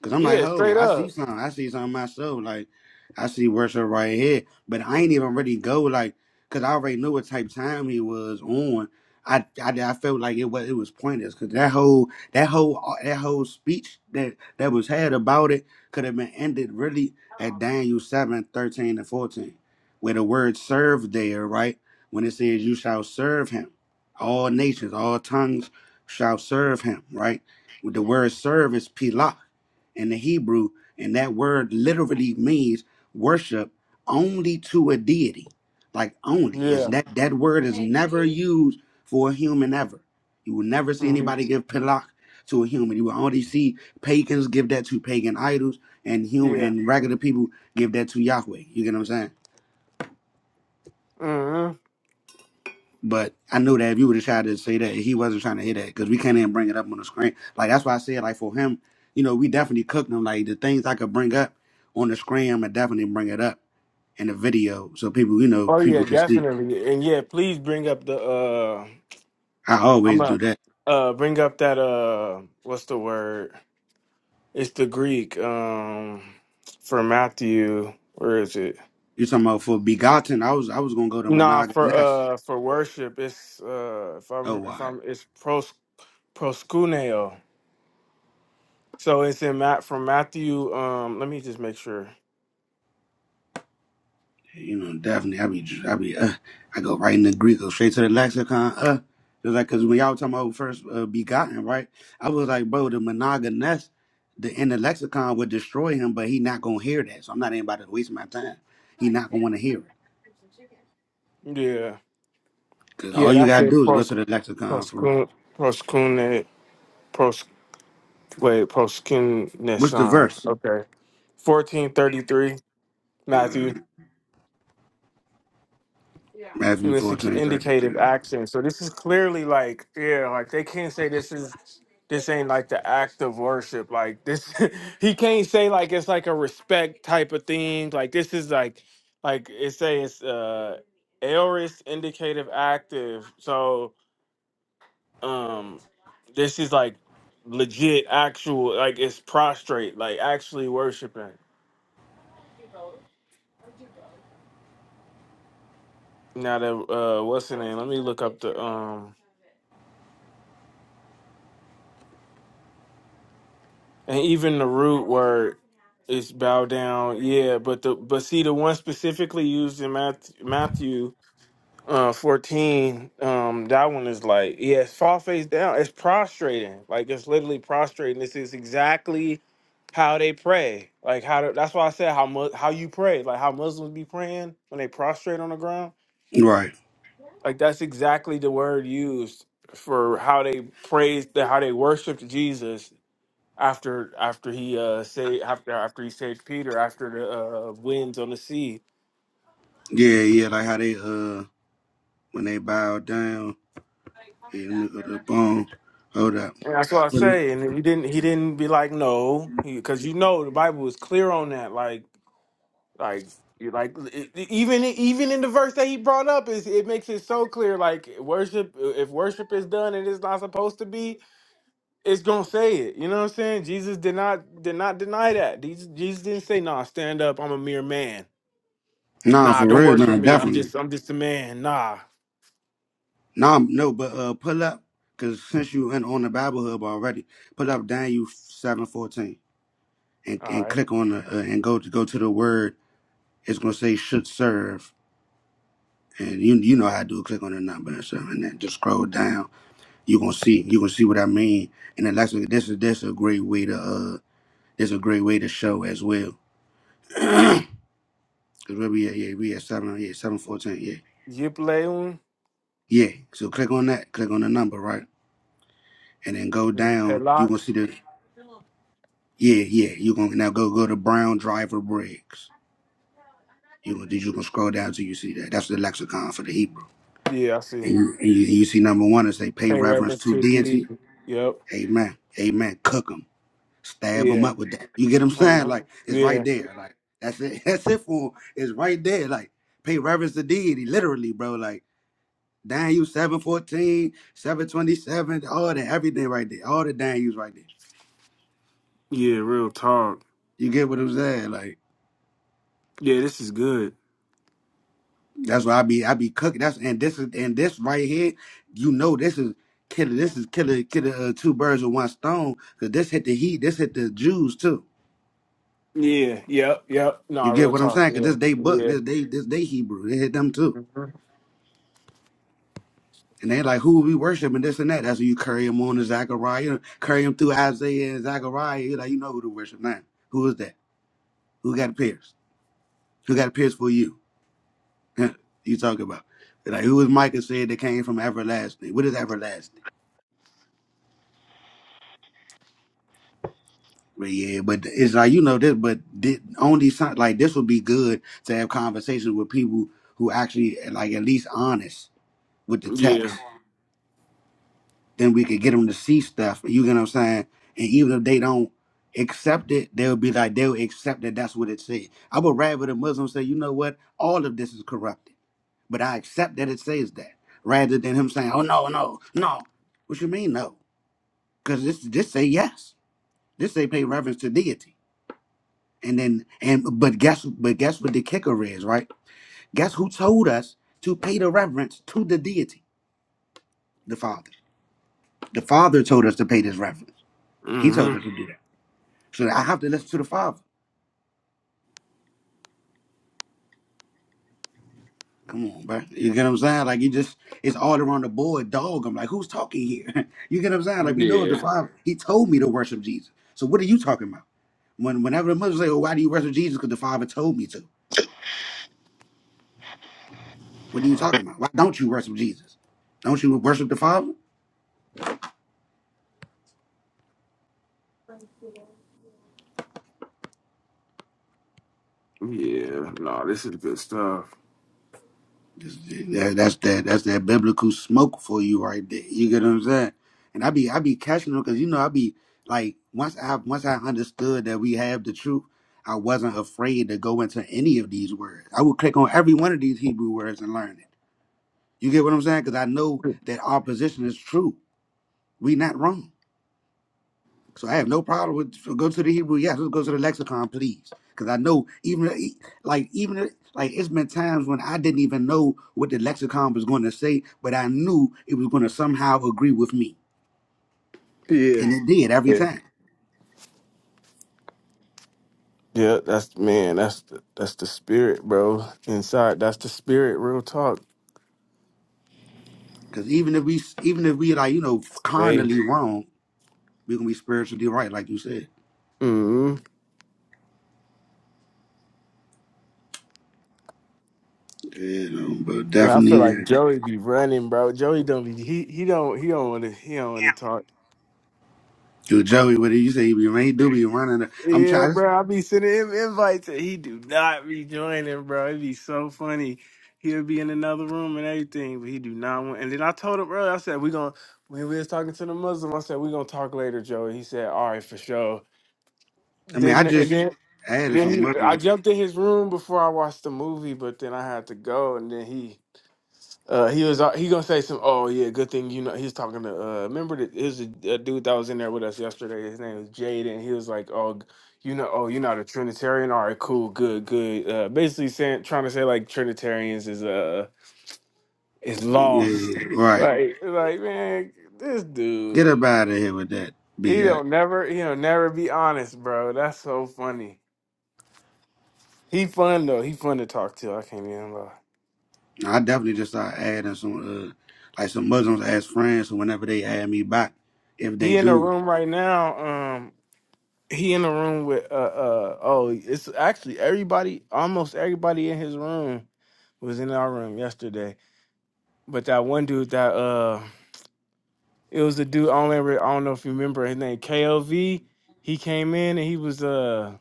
Cause I'm like,
Yeah,
ho,
straight
I see
up.
something. I see something myself. Like, I see worship right here. But I ain't even really go like, cause I already knew what type of time he was on. I, I, I felt like it was it was pointless. Cause that whole that whole uh, that whole speech that that was had about it could have been ended really at Daniel 7 13 and fourteen, where the word "serve" there, right? When it says, "You shall serve him," all nations, all tongues shall serve him, right? The word "serve" is pilah in the Hebrew, and that word literally means worship only to a deity. Like only is
Yeah.
that that word is never used for a human ever. You will never see
hmm
anybody give pilak to a human. You will only see pagans give that to pagan idols, and human
Yeah.
and regular people give that to Yahweh. You get what I'm saying?
hmm
But I knew that if you would have tried to say that, he wasn't trying to hear that because we can't even bring it up on the screen. Like that's why I said, like for him, you know, we definitely cooked him. Like the things I could bring up on the screen, I'm gonna definitely bring it up in the video so people, you know,
Oh yeah,
people can see.
definitely. And yeah, please bring up the uh
I
I'm
always
a
do that.
uh bring up that uh what's the word? It's the Greek um for Matthew. Where is it?
You talking about for begotten? I was I was gonna go to
Nah, for
monogamous.
uh for worship it's uh if
Oh
I'm if
why?
I'm it's pros proskuneo. So it's in Matt from Matthew um let me just make sure.
You know, definitely. I be, I be, uh, I go right in the Greek, go straight to the lexicon. Uh, just like, cause when y'all talking about first uh, begotten, right? I was like, bro, the monogamous, the in the lexicon would destroy him, but he not gonna hear that. So I'm not anybody to waste my time. He not gonna want to hear it,
Yeah.
cause
Yeah,
all you
that's
gotta
it.
do is go
Pros
to the lexicon for real.
proskun proskune Wait,
What's the
Proskineson.
verse?
Okay. 1433,
Uh,
Matthew. And
Matthew
it's a
14:33.
indicative action. So this is clearly like, yeah, like they can't say this is this ain't like the act of worship. Like this <laughs> he can't say like it's like a respect type of thing. Like this is like like it say it's uh aorist indicative active. So um this is like legit actual like it's prostrate, like actually worshiping. Now that uh, what's the name? Let me look up the um, and even the root word is bow down. Yeah, but the but see the one specifically used in Matthew, Matthew uh fourteen. Um, that one is like yeah, it's fall face down. It's prostrating, like it's literally prostrating. This is exactly how they pray. Like how to, that's why I said how mu- how you pray, like how Muslims be praying when they prostrate on the ground
Right.
Like that's exactly the word used for how they praised how they worshiped Jesus after after he uh say after after he saved Peter after the uh, winds on the sea.
Yeah, yeah. Like how they uh when they bow down, yeah, let me go to the bone. Hold
And that's what I
up.
say. And he didn't he didn't be like no because you know the Bible is clear on that. Like like you- like it- it- even even in the verse that he brought up is it makes it so clear like worship if worship is done and it's not supposed to be it's gonna say it. You know what I'm saying? Jesus did not did not deny that. Jesus, Jesus didn't say, "Nah, stand up. I'm a mere man.
Nah,
Nah,
for
don't
real,
worship
nah,
me. I'm
definitely.
just I'm just a man. Nah."
Nah, no, but uh, pull up, cause since you in on the Bible Hub already, pull up Daniel seven fourteen and
All
and
right.
click on the uh, and go to go to the word. It's gonna say should serve, and you you know how to do it. Click on the number and stuff, and then just scroll down. You gonna see you gonna see what I mean. And then lastly, this is this is a great way to uh, this is a great way to show as well. <clears throat> Cause where we at? Yeah, we at seven. Yeah, seven fourteen. Yeah,
Yipleun
yeah. So click on that. Click on the number, right? and then go
and then
down. You gonna
Pelak.
see the yeah, yeah. You gonna now go go to Brown Driver Briggs. You gonna you gonna scroll down till you see that. That's the lexicon for the Hebrew.
Yeah, I see.
And you and you, you see number one is they pay
Pay
reverence
reference
to
to D.
deity.
Yep.
Amen. Amen. Cook them. Stab them
Yeah.
up with that. You get what I'm saying?
uh
Like it's right
Yeah.
there. Like that's it. <laughs> That's it for 'em. It's right there. Like pay reverence to deity. Literally, bro. Like Daniel seven fourteen seven twenty seven. all that, everything right there. All the Daniels right there.
Yeah. Real talk.
You get what I'm saying? Like
Yeah, this is good.
That's why I be I be cooking. That's and this is and this right here, you know this is killer. This is killer killer uh, two birds with one stone. Cause this hit the heat. This hit the Jews too.
Yeah. Yep. Yep. Nah,
You get
real
what I'm
talk.
saying? Cause
Yeah.
this they book.
Yeah.
This they this they Hebrew. They hit them too.
hmm
And they like who we worship and this and that. That's when you carry them on to Zechariah. You know, carry them through Isaiah and Zechariah. You like you know who to worship now. Who is that? Who got a pierce? Who got a pierce for you? <laughs> you talking about? Like who is Micah said that came from everlasting? What is everlasting? But yeah, but it's like you know this, but thi- on these si- like this would be good to have conversations with people who actually like at least honest with the
Yeah.
text. Then we could get them to see stuff. You get what I'm saying? And even if they don't accept it, they'll be like they'll accept that that's what it said. I would rather the Muslim say, you know what, all of this is corrupted, but I accept that it says that, rather than him saying, oh no, no, no. What you mean no? Because this this say yes. This say pay reverence to deity. And then and but guess but guess what the kicker is, right? Guess who told us to pay the reverence to the deity, the Father. The Father told us to pay this reverence. He
hmm
told us to do that. So I have to listen to the Father. Come on, bro. You get what I'm saying? Like you just it's all around the board, dog. I'm like, who's talking here? <laughs> you get what I'm saying? Like we know the
Yeah.
Father. He told me to worship Jesus. So what are you talking about? When whenever the Muslims say, Oh, why do you worship Jesus? Because the Father told me to. What are you talking about? Why don't you worship Jesus? Don't you worship the Father?
Yeah. Nah, this is good stuff.
That, that's that that's that biblical smoke for you right there. You get what I'm saying? And I be I be catching them because you know I be like once I once I understood that we have the truth, I wasn't afraid to go into any of these words. I would click on every one of these Hebrew words and learn it. You get what I'm saying? Because I know
<laughs>
that our position is true. We not wrong. So I have no problem with so go to the Hebrew. Yes, let's go to the lexicon, please, because I know even e- like even if- like it's been times when I didn't even know what the lexicon was going to say, but I knew it was going to somehow agree with me,
Yeah.
and it did every
Yeah,
time.
yeah, that's man, that's the, that's the spirit, bro. Inside, that's the spirit. Real talk,
Because even if we even if we like you know
babe.
carnally wrong, we're gonna be spiritually right, like you said.
mm
You know, but
I feel like
definitely,
Joey be running, bro. Joey don't be he he don't he don't want to he don't want to talk.
dude Joey, what did you say? You ain't do be running. the- I'm
Yeah,
trying.
bro. I be sending him invites and he do not be joining, bro. It'd be so funny. He'll be in another room and everything, but he do not want. And then I told him, bro. I said we gonna when we was talking to the Muslim. I said we gonna talk later, Joey. He said, all right, for sure.
I mean, I
Then and
just
then and
added some
then he, I
mushrooms.
jumped in his room before I watched the movie, but then I had to go, and then he. Uh, he was uh, he gonna say some. Oh yeah, good thing you know. He was talking to. Uh, remember that it was a, a dude that was in there with us yesterday. His name was Jade, and he was like, "Oh, g- you know, oh, you're not a Trinitarian. All right, cool, good, good." Uh, basically saying, trying to say like Trinitarians is uh is lost.
Yeah,
<laughs>
right.
Like, like man, this dude,
Get up out of here with that
he
BS.
don't never, he don't never be honest, bro. That's so funny. He fun though. He fun to talk to. I can't even lie.
I definitely just start adding some, uh, like some Muslims as friends. So whenever they add me back, if they
He in the
do,
room right now. Um, he in the room with uh uh. Oh, it's actually everybody. Almost everybody in his room was in our room yesterday. But that one dude that uh, it was a dude. I don't remember. I don't know if you remember his name. KLV. He came in and he was uh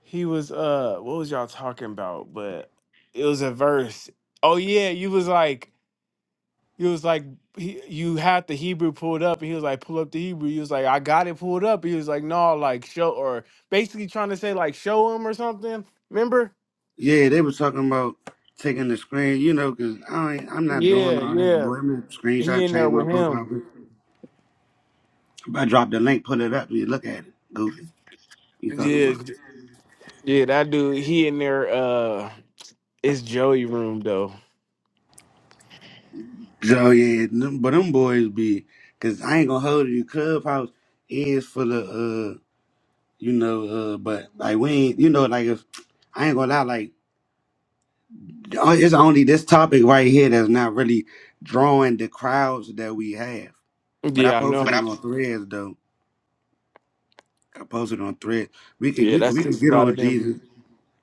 he was uh what was y'all talking about? But it was a verse. Oh yeah, you was like He was like, he, you had the Hebrew pulled up, and he was like, pull up the Hebrew. He was like, I got it pulled up. He was like, no, like show, or basically trying to say like show him or something. Remember?
yeah, they was talking about taking the screen, you know, because I ain't, I'm not doing
Yeah,
all that.
yeah.
Boy, I'm
He
screenshot,
in there
change my
with
profile
him.
picture. If I drop the link, pull it up, you look at it. Goofy, you talking
Yeah,
about?
j- yeah. That dude, he in there. Uh, it's Joey room though.
So yeah, them, but them boys be, cause I ain't gonna hold you. Clubhouse is for the, uh, you know, uh, but like we ain't, you know, like if I ain't gonna lie, like. Uh, It's only this topic right here that's not really drawing the crowds that we have. But I
Yeah, I know.
posted
But
it
I-
on Threads though. I posted it on Threads. We could
Yeah,
we could
that's
we could
just a
get
lot
on
of them. be-
Jesus.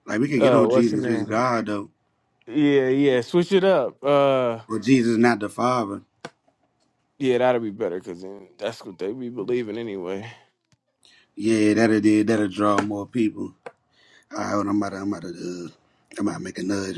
Like we could get
Uh,
on
what's the
Jesus is
name?
God though,
Yeah, yeah. Switch it up. Uh,
but Jesus not the Father.
yeah, that'll be better because then that's what they be believing anyway.
Yeah, that'll did that'll draw more people. All right, hold on, I'm about to I'm about to uh, I'm about to make another.